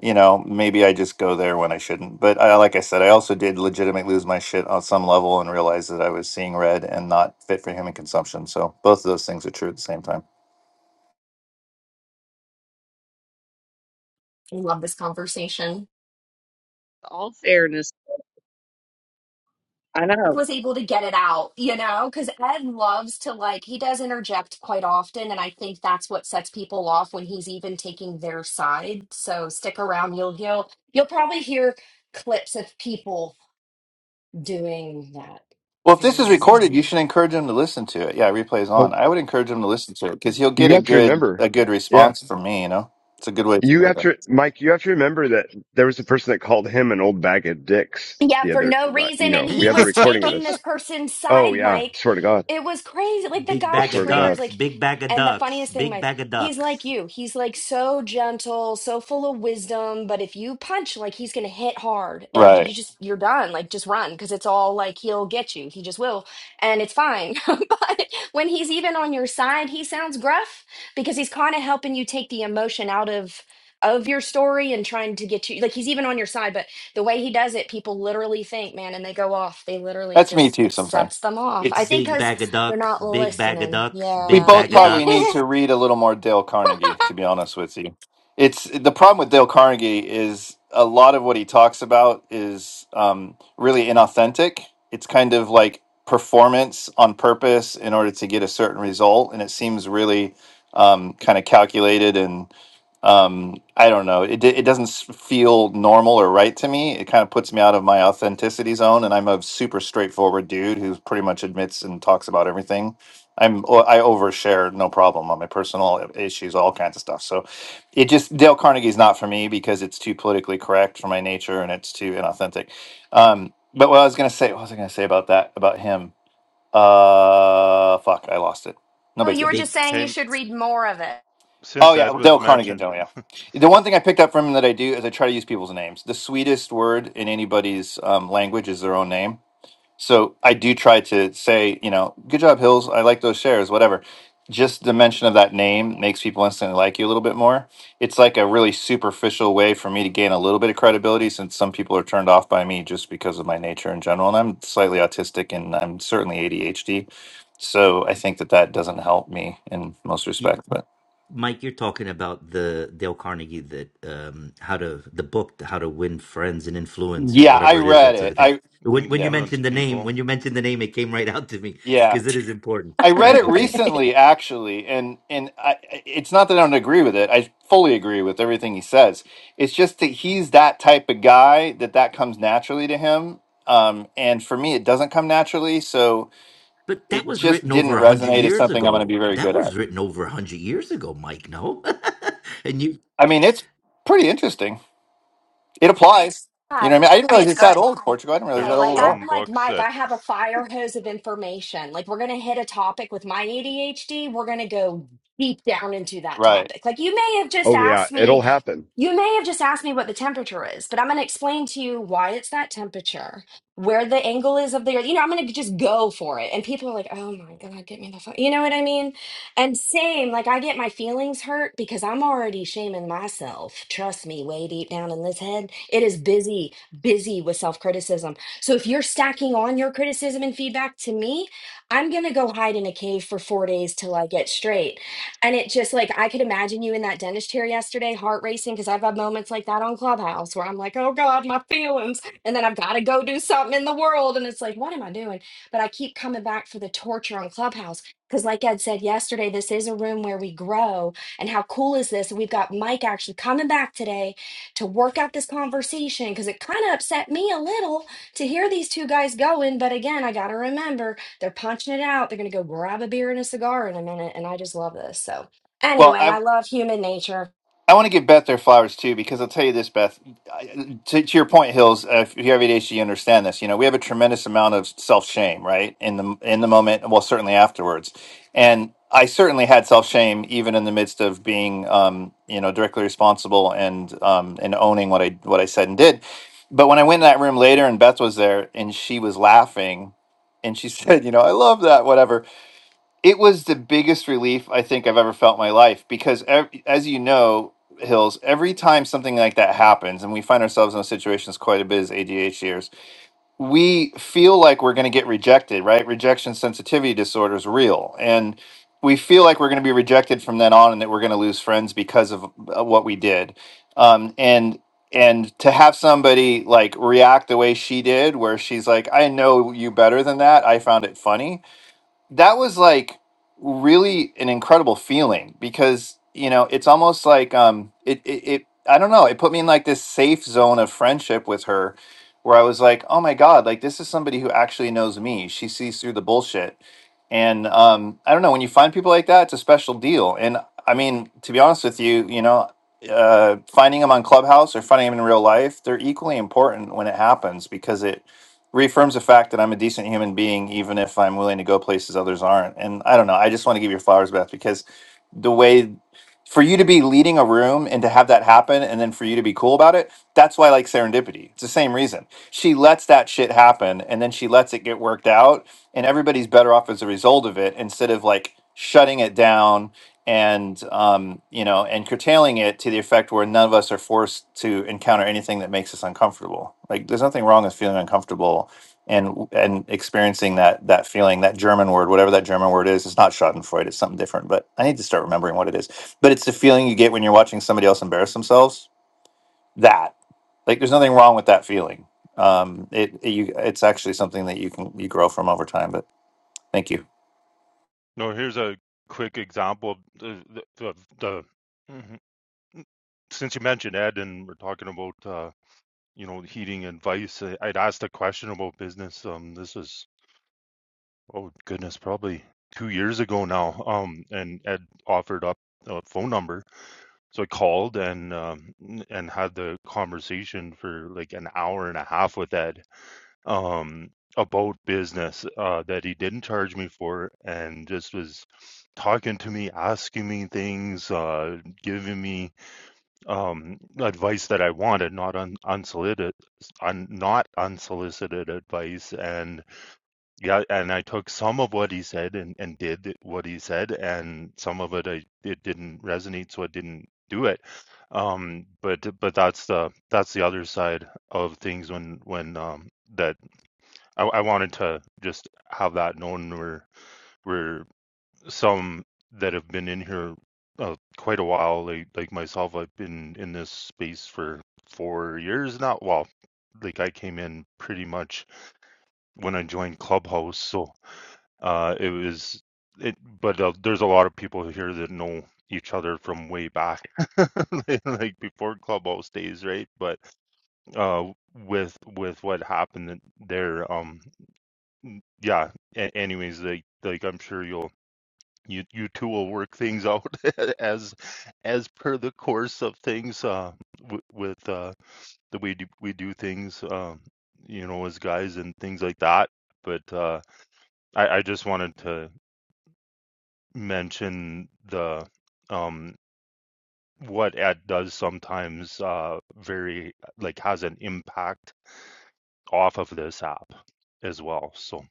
you know maybe i just go there when i shouldn't but I, like i said i also did legitimately lose my shit on some level and realize that i was seeing red and not fit for human consumption so both of those things are true at the same time I love this conversation. All fairness. I know. was able to get it out, you know, because Ed loves to like, he does interject quite often. And I think that's what sets people off when he's even taking their side. So stick around. You'll, he'll, you'll probably hear clips of people doing that well if this is very thing. recorded you should encourage him to listen to it yeah replays on Oh, i would encourage him to listen to it because he'll get you a have to good remember. a good Yeah. response from me you know it's a good way for You me have to to, Mike, you have to remember that there was a person that called him an old bag of dicks Yeah, the for other, no like, you reason. And know, we he have a was recording of taking this this. person's Oh side, yeah. Mike. Swear to God. It was crazy. Like the big I guy bag of swear to triggers, God. ducks like, big bag of and the ducks funniest thing, big Mike, bag of he's like ducks you. He's like so gentle, so full of wisdom. But if you punch, like, he's going to hit hard and you right just, you're done. Like, just run because it's all like he'll get you. He just will. And it's fine. but when he's even on your side, he sounds gruff because he's kind of helping you take the emotion out of. Of your story and trying to get you like he's even on your side, but the way he does it, people literally think, man, and they go off. They literally that's me just too it sometimes sets them off. I it's. think big because bag of they're ducks not big bag of listening. ducks We big Yeah, both bag of yeah. probably need ducks to read a little more Dale Carnegie, to be honest with you. It's the problem with Dale Carnegie is a lot of what he talks about is um, really inauthentic. It's kind of like performance on purpose in order to get a certain result, and it seems really um, kind of calculated and um i don't know it, it doesn't s- feel normal or right to me it kind of puts me out of my authenticity zone and i'm a super straightforward dude who pretty much admits and talks about everything i'm o- i overshare no problem on my personal issues all kinds of stuff so it just dale carnegie's not for me because it's too politically correct for my nature and it's too inauthentic um but what i was gonna say what was i gonna say about that about him uh fuck i lost it no oh, big deal you were just big saying you hey, should read more of it. Oh since yeah, Ed was Dale Carnegie. mentioned, Dale, yeah. The one thing I picked up from him that I do is I try to use people's names. The sweetest word in anybody's um, language is their own name. So I do try to say, you know, good job, Hills. I like those shares, whatever. Just the mention of that name makes people instantly like you a little bit more. It's like a really superficial way for me to gain a little bit of credibility since some people are turned off by me just because of my nature in general. And I'm slightly autistic and I'm certainly ADHD. So I think that that doesn't help me in most respects. But Mike, you're talking about the Dale Carnegie that um, how to the book how to win friends and influence or Yeah, I whatever it is read that sort it. of thing. I When when yeah, you influence mentioned the name, people. when you mentioned the name, it came right out to me yeah. because it is important, I read right? it Okay, recently actually and and I it's not that I don't agree with it. I fully agree with everything he says. It's just that he's that type of guy that that comes naturally to him. Um and for me it doesn't come naturally, so but that it was just written didn't over a hundred resonate as years something I'm going to ago. be very That good was at. written over a hundred years ago, Mike. No, and you. I mean, it's pretty interesting. It applies. You Hi. know what I mean? I didn't I mean, realize it's it's that good. old Portugal. I didn't realize it's Hey, that There's old like at all. some I'm like books Mike. that. I have a fire hose of information. Like we're gonna hit a topic with my ADHD. We're gonna go deep down into that Right. topic. Like you may have just Oh yeah. asked me It'll happen. You may have just asked me what the temperature is, but I'm going to explain to you why it's that temperature, where the angle is of the earth. You know, I'm going to just go for it. And people are like, oh my God, get me the fuck. You know what I mean? And same, like I get my feelings hurt because I'm already shaming myself. Trust me, way deep down in this head, it is busy, busy with self criticism. So if you're stacking on your criticism and feedback to me, I'm going to go hide in a cave for four days till I get straight and it just like I could imagine you in that dentist chair yesterday, heart racing, because I've had moments like that on Clubhouse where I'm like, oh God, my feelings. And then I've got to go do something in the world. And it's like, what am I doing? But I keep coming back for the torture on Clubhouse. Because, like Ed said yesterday, this is a room where we grow. And how cool is this? We've got Mike actually coming back today to work out this conversation because it kind of upset me a little to hear these two guys going. But again, I got to remember they're punching it out. They're going to go grab a beer and a cigar in a minute. And I just love this. So, Well, anyway, I I love human nature. I want to give Beth their flowers too, because I'll tell you this, Beth. I- To, to your point, Hills, uh, if you have ADHD, you understand this. You know, we have a tremendous amount of self shame, right? In the in the moment, well, certainly afterwards. And I certainly had self shame even in the midst of being, um, you know, directly responsible and um, and owning what I what I said and did. But when I went in that room later, and Beth was there, and she was laughing, and she said, "You know, I love that, whatever." it was the biggest relief I think I've ever felt in my life because ev- as you know, Hills, every time something like that happens, and we find ourselves in those situations quite a bit as ADHDers, we feel like we're going to get rejected, right? Rejection sensitivity disorder is real. And we feel like we're going to be rejected from then on and that we're going to lose friends because of uh, what we did. Um, and and to have somebody like react the way she did, where she's like, I know you better than that. I found it funny that was like really an incredible feeling because you know it's almost like um it, it it I don't know it put me in like this safe zone of friendship with her where I was like oh my god like this is somebody who actually knows me she sees through the bullshit and um I don't know when you find people like that it's a special deal and I mean to be honest with you you know uh finding them on Clubhouse or finding them in real life they're equally important when it happens because it reaffirms the fact that I'm a decent human being, even if I'm willing to go places others aren't. And I don't know. I just want to give you flowers, Beth, because the way for you to be leading a room and to have that happen, and then for you to be cool about it, that's why I like serendipity. It's the same reason. She lets that shit happen, and then she lets it get worked out, and everybody's better off as a result of it instead of like shutting it down and um, you know, and curtailing it to the effect where none of us are forced to encounter anything that makes us uncomfortable. Like, there's nothing wrong with feeling uncomfortable and and experiencing that that feeling, that German word, whatever that German word is. It's not Schadenfreude; it's something different. But I need to start remembering what it is. But it's the feeling you get when you're watching somebody else embarrass themselves. That, like, there's nothing wrong with that feeling. Um, it, it you, it's actually something that you can you grow from over time. But thank you. No, here's a quick example. of The the, the mhm. since you mentioned Ed and we're talking about uh, you know heating advice, I'd asked a question about business. Um, this is Oh goodness, probably two years ago now. Um, and Ed offered up a phone number, so I called and um and had the conversation for like an hour and a half with Ed um about business uh that he didn't charge me for, and just was talking to me, asking me things, uh giving me um advice that I wanted, not un unsolicited, un not unsolicited advice, and yeah, and I took some of what he said and, and did what he said, and some of it I it didn't resonate, so I didn't do it. Um, but but that's the that's the other side of things when when um that I, I wanted to just have that known where where some that have been in here uh, quite a while, like like myself, I've been in this space for four years now. Well, like I came in pretty much when I joined Clubhouse, so. Uh, it was it, but uh, there's a lot of people here that know each other from way back, like before Clubhouse days, right? But uh, with with what happened there, um, yeah. A- anyways, like like I'm sure you'll. You, you two will work things out as as per the course of things uh, w- with uh, the way do, we do things um, you know as guys and things like that but uh, I, I just wanted to mention the um what ad does sometimes uh very like has an impact off of this app as well so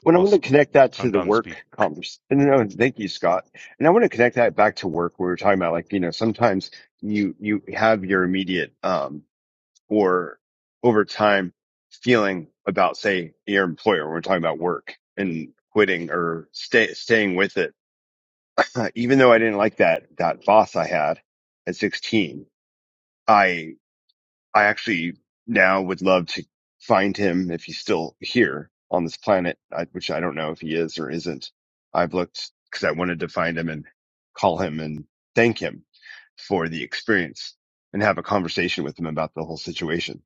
When i i'll want s- to connect that to i'm the done speaking. work conversation. No, thank you, Scott. And I want to connect that back to work. We were talking about like, you know, sometimes you, you have your immediate, um, or over time feeling about, say, your employer. We're talking about work and quitting or stay, staying with it. Uh, even though I didn't like that, that boss I had at 16, I. I actually now would love to find him if he's still here on this planet, I, which I don't know if he is or isn't. I've looked because I wanted to find him and call him and thank him for the experience and have a conversation with him about the whole situation.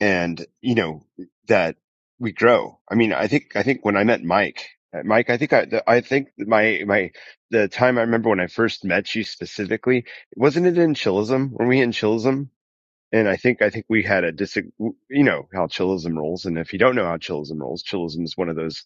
And, you know, that we grow. I mean, I think, I think when I met Mike, uh, Mike, I think I, the- I think my, my, the time I remember when I first met you specifically, wasn't it in Chilism? Were we in Chilism? And I think, I think we had a dis, you know, how chillism rolls. And if you don't know how chillism rolls, chillism is one of those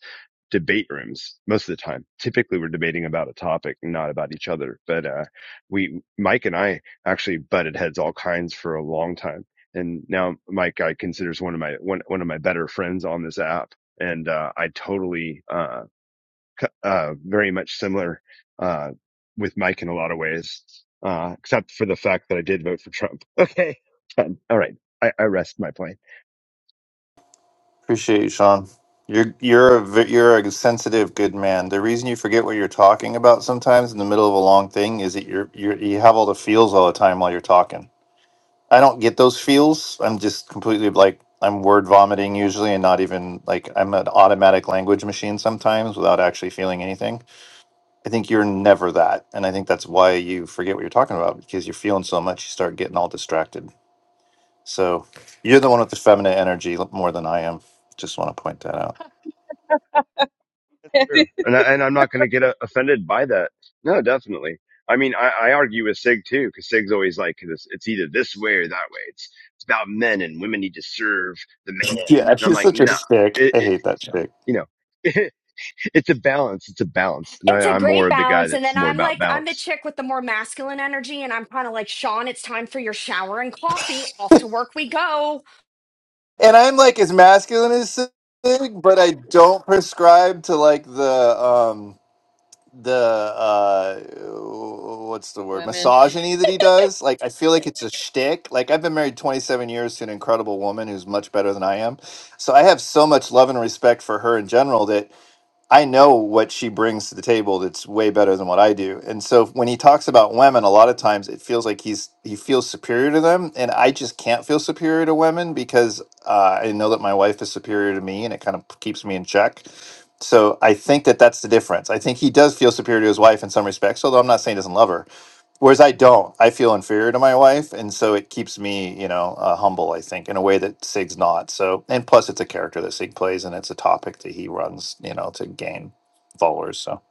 debate rooms most of the time. Typically we're debating about a topic, not about each other. But, uh, we, Mike and I actually butted heads all kinds for a long time. And now Mike, I considers one of my, one, one of my better friends on this app. And, uh, I totally, uh, uh, very much similar uh, with Mike in a lot of ways, uh, except for the fact that I did vote for Trump. Okay, Done. all right, I, I rest my point. Appreciate you, Sean. You're you're a ve- you're a sensitive good man. The reason you forget what you're talking about sometimes in the middle of a long thing is that you're you are you have all the feels all the time while you're talking. I don't get those feels. I'm just completely like I'm word vomiting usually, and not even like I'm an automatic language machine sometimes without actually feeling anything. I think you're never that, and I think that's why you forget what you're talking about because you're feeling so much, you start getting all distracted. So you're the one with the feminine energy more than I am. Just want to point that out. That's true, and I, and I'm not going to get uh, offended by that. No, definitely. I mean, I, I argue with Sig too, because Sig's always like, this, it's either this way or that way. It's it's about men and women need to serve the man, Yeah, and I'm he's like, such a nah, stick. it, I it hate that Yeah. stick. you know, it, it's a balance. It's a balance, and I, It's a I'm great more of the guy balance. And that's then more I'm about like, I'm the balance. chick with the more masculine energy. And I'm kind of like, Sean, it's time for your shower and coffee. Off to work we go. And I'm like as masculine as Sig, but I don't prescribe to like the um the uh what's the word Women, misogyny that he does. Like I feel like it's a shtick. Like I've been married 27 years to an incredible woman who's much better than I am, so I have so much love and respect for her in general that I know what she brings to the table that's way better than what I do. And so when he talks about women, a lot of times it feels like he's he feels superior to them, and I just can't feel superior to women because uh, I know that my wife is superior to me, and it kind of keeps me in check. So I think that that's the difference. I think he does feel superior to his wife in some respects, although I'm not saying he doesn't love her. Whereas I don't, I feel inferior to my wife, and so it keeps me, you know, uh, humble. I think in a way that Sig's not. So, and plus, it's a character that Sig plays, and it's a topic that he runs, you know, to gain followers. So,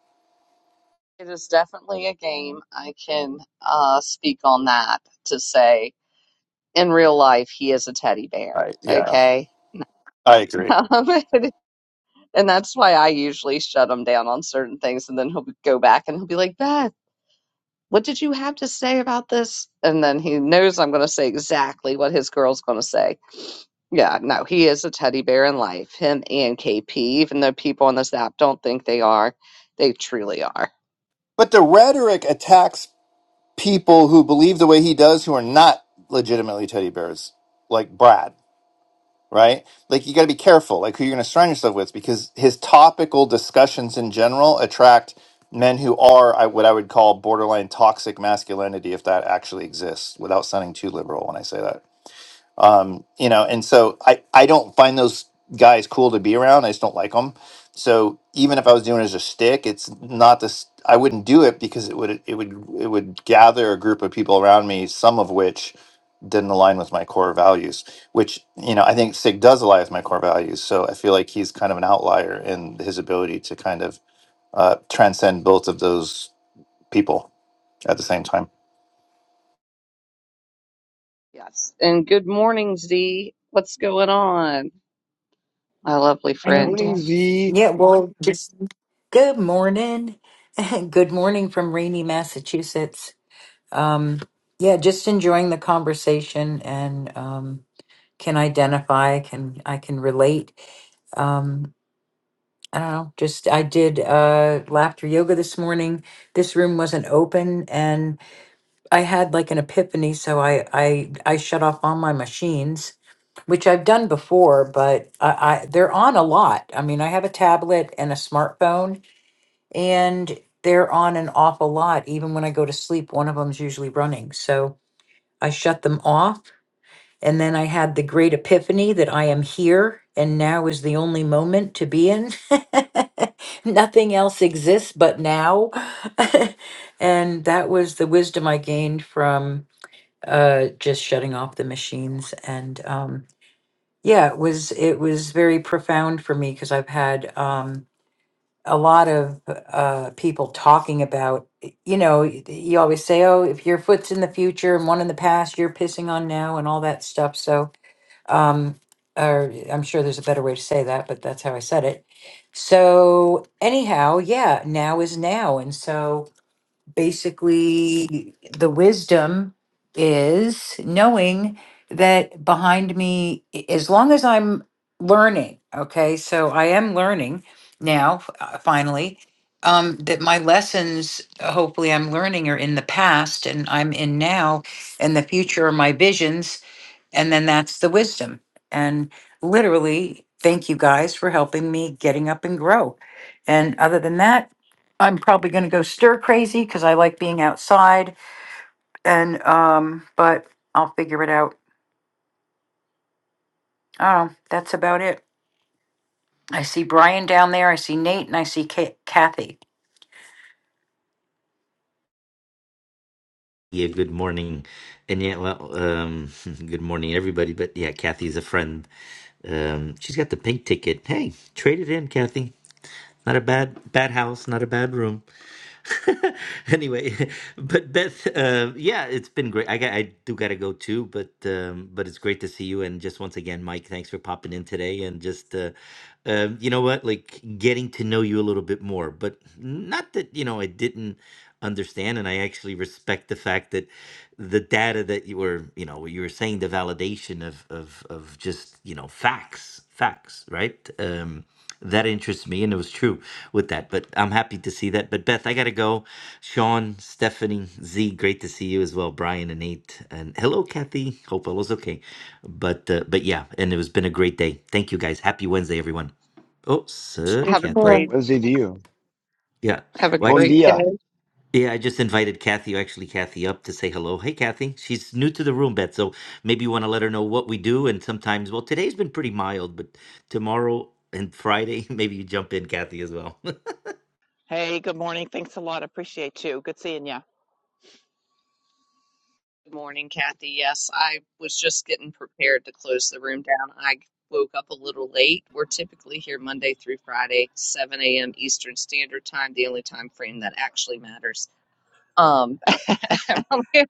it is definitely a game. I can uh, speak on that to say in real life, he is a teddy bear. I yeah, Okay. I agree. Um, And that's why I usually shut him down on certain things. And then he'll go back and he'll be like, Beth, what did you have to say about this? And then he knows I'm going to say exactly what his girl's going to say. Yeah, no, he is a teddy bear in life, him and KP, even though people on this app don't think they are. They truly are. But the rhetoric attacks people who believe the way he does, who are not legitimately teddy bears, like Brad. right? Like you got to be careful, like who you're going to surround yourself with, because his topical discussions in general attract men who are I, what I would call borderline toxic masculinity, if that actually exists, without sounding too liberal when I say that um, you know and so i i don't find those guys cool to be around i just don't like them so even if i was doing it as a stick it's not this i wouldn't do it because it would it would it would gather a group of people around me some of which didn't align with my core values which you know i think sig does align with my core values so i feel like he's kind of an outlier in his ability to kind of uh, transcend both of those people at the same time Yes. And good morning, Z. What's going on, my lovely Good friend? morning, Amen. Z. Yeah, well, just good morning. Good morning from rainy Massachusetts. Um, yeah, just enjoying the conversation and um, can identify, can I can relate. Um, I don't know, just I did uh, laughter yoga this morning. This room wasn't open and. I had like an epiphany, so I I I shut off all my machines, which I've done before, but I, I they're on a lot. I mean, I have a tablet and a smartphone, and they're on an awful lot. Even when I go to sleep, one of them's usually running. So I shut them off, and then I had the great epiphany that I am here, and now is the only moment to be in. Nothing else exists but now, and that was the wisdom I gained from uh just shutting off the machines and um yeah it was it was very profound for me because i've had um a lot of uh people talking about you know y- you always say oh if your foot's in the future and one in the past you're pissing on now and all that stuff so um or i'm sure there's a better way to say that but that's how i said it so anyhow yeah now is now and so basically the wisdom is knowing that behind me i- as long as i'm learning okay so i am learning now f- uh, finally um, that my lessons uh, hopefully i'm learning are in the past and i'm in now and the future are my visions and then that's the wisdom. And literally, thank you guys for helping me getting up and grow. And other than that, I'm probably going to go stir crazy because I like being outside. And, um, but I'll figure it out. Oh, that's about it. I see Brian down there. I see Nate and I see Ka- Kathy. Yeah, good morning, and yeah, well, um, good morning, everybody. But yeah, Kathy's a friend. Um, she's got the pink ticket. Hey, trade it in, Kathy. Not a bad bad house, not a bad room. anyway, but Beth, uh, yeah, it's been great. I got, I do gotta go too, but um, but it's great to see you. And just once again, Mike, thanks for popping in today. And just uh, um, you know what, like getting to know you a little bit more. But not that you know I didn't understand, and I actually respect the fact that the data that you were, you know, you were saying the validation of of of just you know facts, facts, right? Um, that interests me and it was true with that but i'm happy to see that but beth i gotta go sean stephanie z great to see you as well brian and nate and hello kathy hope all is okay but uh, but yeah and it has been a great day thank you guys happy wednesday everyone oh sir Me Have a kathy yeah great, too. Wednesday to you. yeah have a well Bon actually great day. dia. yeah, I just invited Kathy, actually Kathy, up to say hello. Hey, Kathy, she's new to the room, Beth, so maybe you want to let her know what we do. And sometimes, well, today's been pretty mild, but tomorrow and Friday, maybe you jump in, Kathy, as well. Hey, good morning. Thanks a lot. Appreciate you. Good seeing you. Good morning, Kathy. Yes, I was just getting prepared to close the room down. I woke up a little late. We're typically here Monday through Friday, 7 a.m. Eastern Standard Time, the only time frame that actually matters. Um, but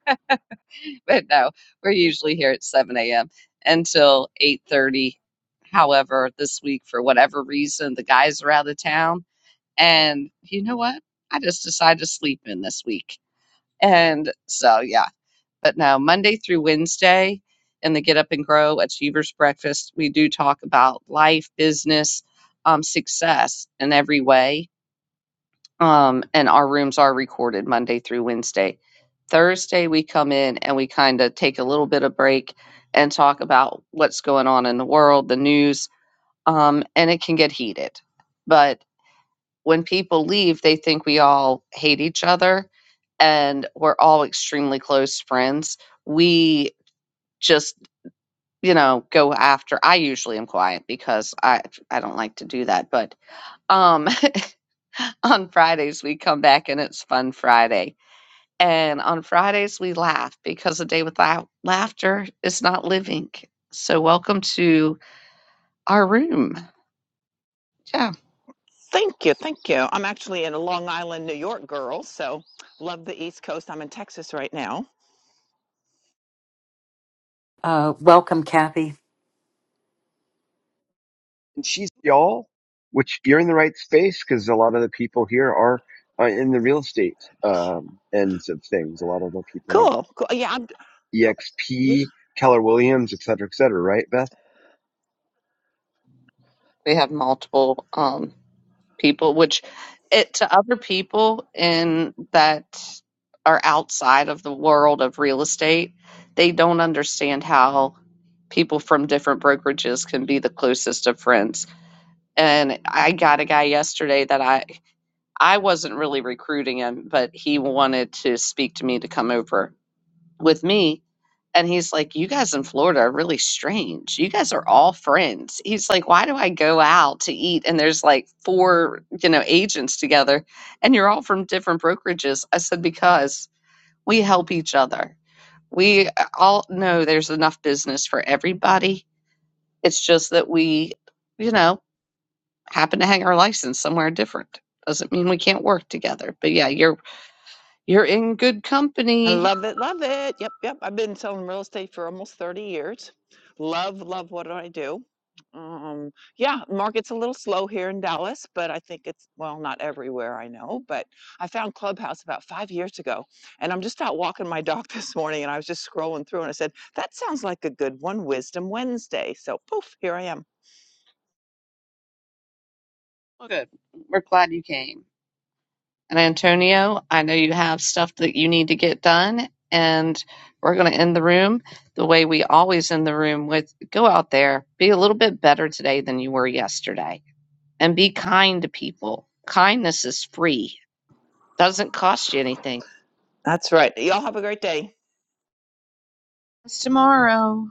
no, we're usually here at 7 a.m. until 8:30. However, this week, for whatever reason, the guys are out of town, and you know what? I just decided to sleep in this week. And so, yeah. But no, Monday through Wednesday in the Get Up and Grow Achievers Breakfast, we do talk about life, business, um, success in every way. Um, and our rooms are recorded Monday through Wednesday. Thursday, we come in and we kind of take a little bit of break and talk about what's going on in the world, the news, um, and it can get heated. But when people leave, they think we all hate each other and we're all extremely close friends. We just you know go after i usually am quiet because i i don't like to do that but um on fridays we come back and it's fun friday and on fridays we laugh because a day without laughter is not living so welcome to our room yeah Thank you. Thank you. I'm actually in a Long Island, New York girl, so love the East Coast. I'm in Texas right now. Uh, welcome, Kathy. And she's y'all, which you're in the right space because a lot of the people here are, are in the real estate um, ends of things. A lot of the people here, Cool. cool. Yeah, I'm EXP, Keller Williams, et cetera, et cetera. Right, Beth? we have multiple um people, which it to other people in that are outside of the world of real estate, they don't understand how people from different brokerages can be the closest of friends. And I got a guy yesterday that I I wasn't really recruiting him, but he wanted to speak to me to come over with me and he's like, You guys in Florida are really strange. You guys are all friends. He's like, Why do I go out to eat and there's like four, you know, agents together and you're all from different brokerages? I said, Because we help each other. We uh, all know there's enough business for everybody. It's just that we, you know, happen to hang our license somewhere different. Doesn't mean we can't work together. But yeah, you're you're in good I company. love it, love it. Yep, yep. I've been selling real estate for almost 30 years. Love, love what I do. Um, yeah, market's a little slow here in Dallas, but I think it's, well, not everywhere I know, but I found Clubhouse about five years ago. And I'm just out walking my dog this morning and I was just scrolling through and I said, that sounds like a good one, Wisdom Wednesday. So poof, here I am. Well, good. We're glad you came. And Antonio, I know you have stuff that you need to get done, and we're going to end the room the way we always end the room with go out there, be a little bit better today than you were yesterday, and be kind to people. Kindness is free, doesn't cost you anything. That's right. Y'all have a great day. It's tomorrow.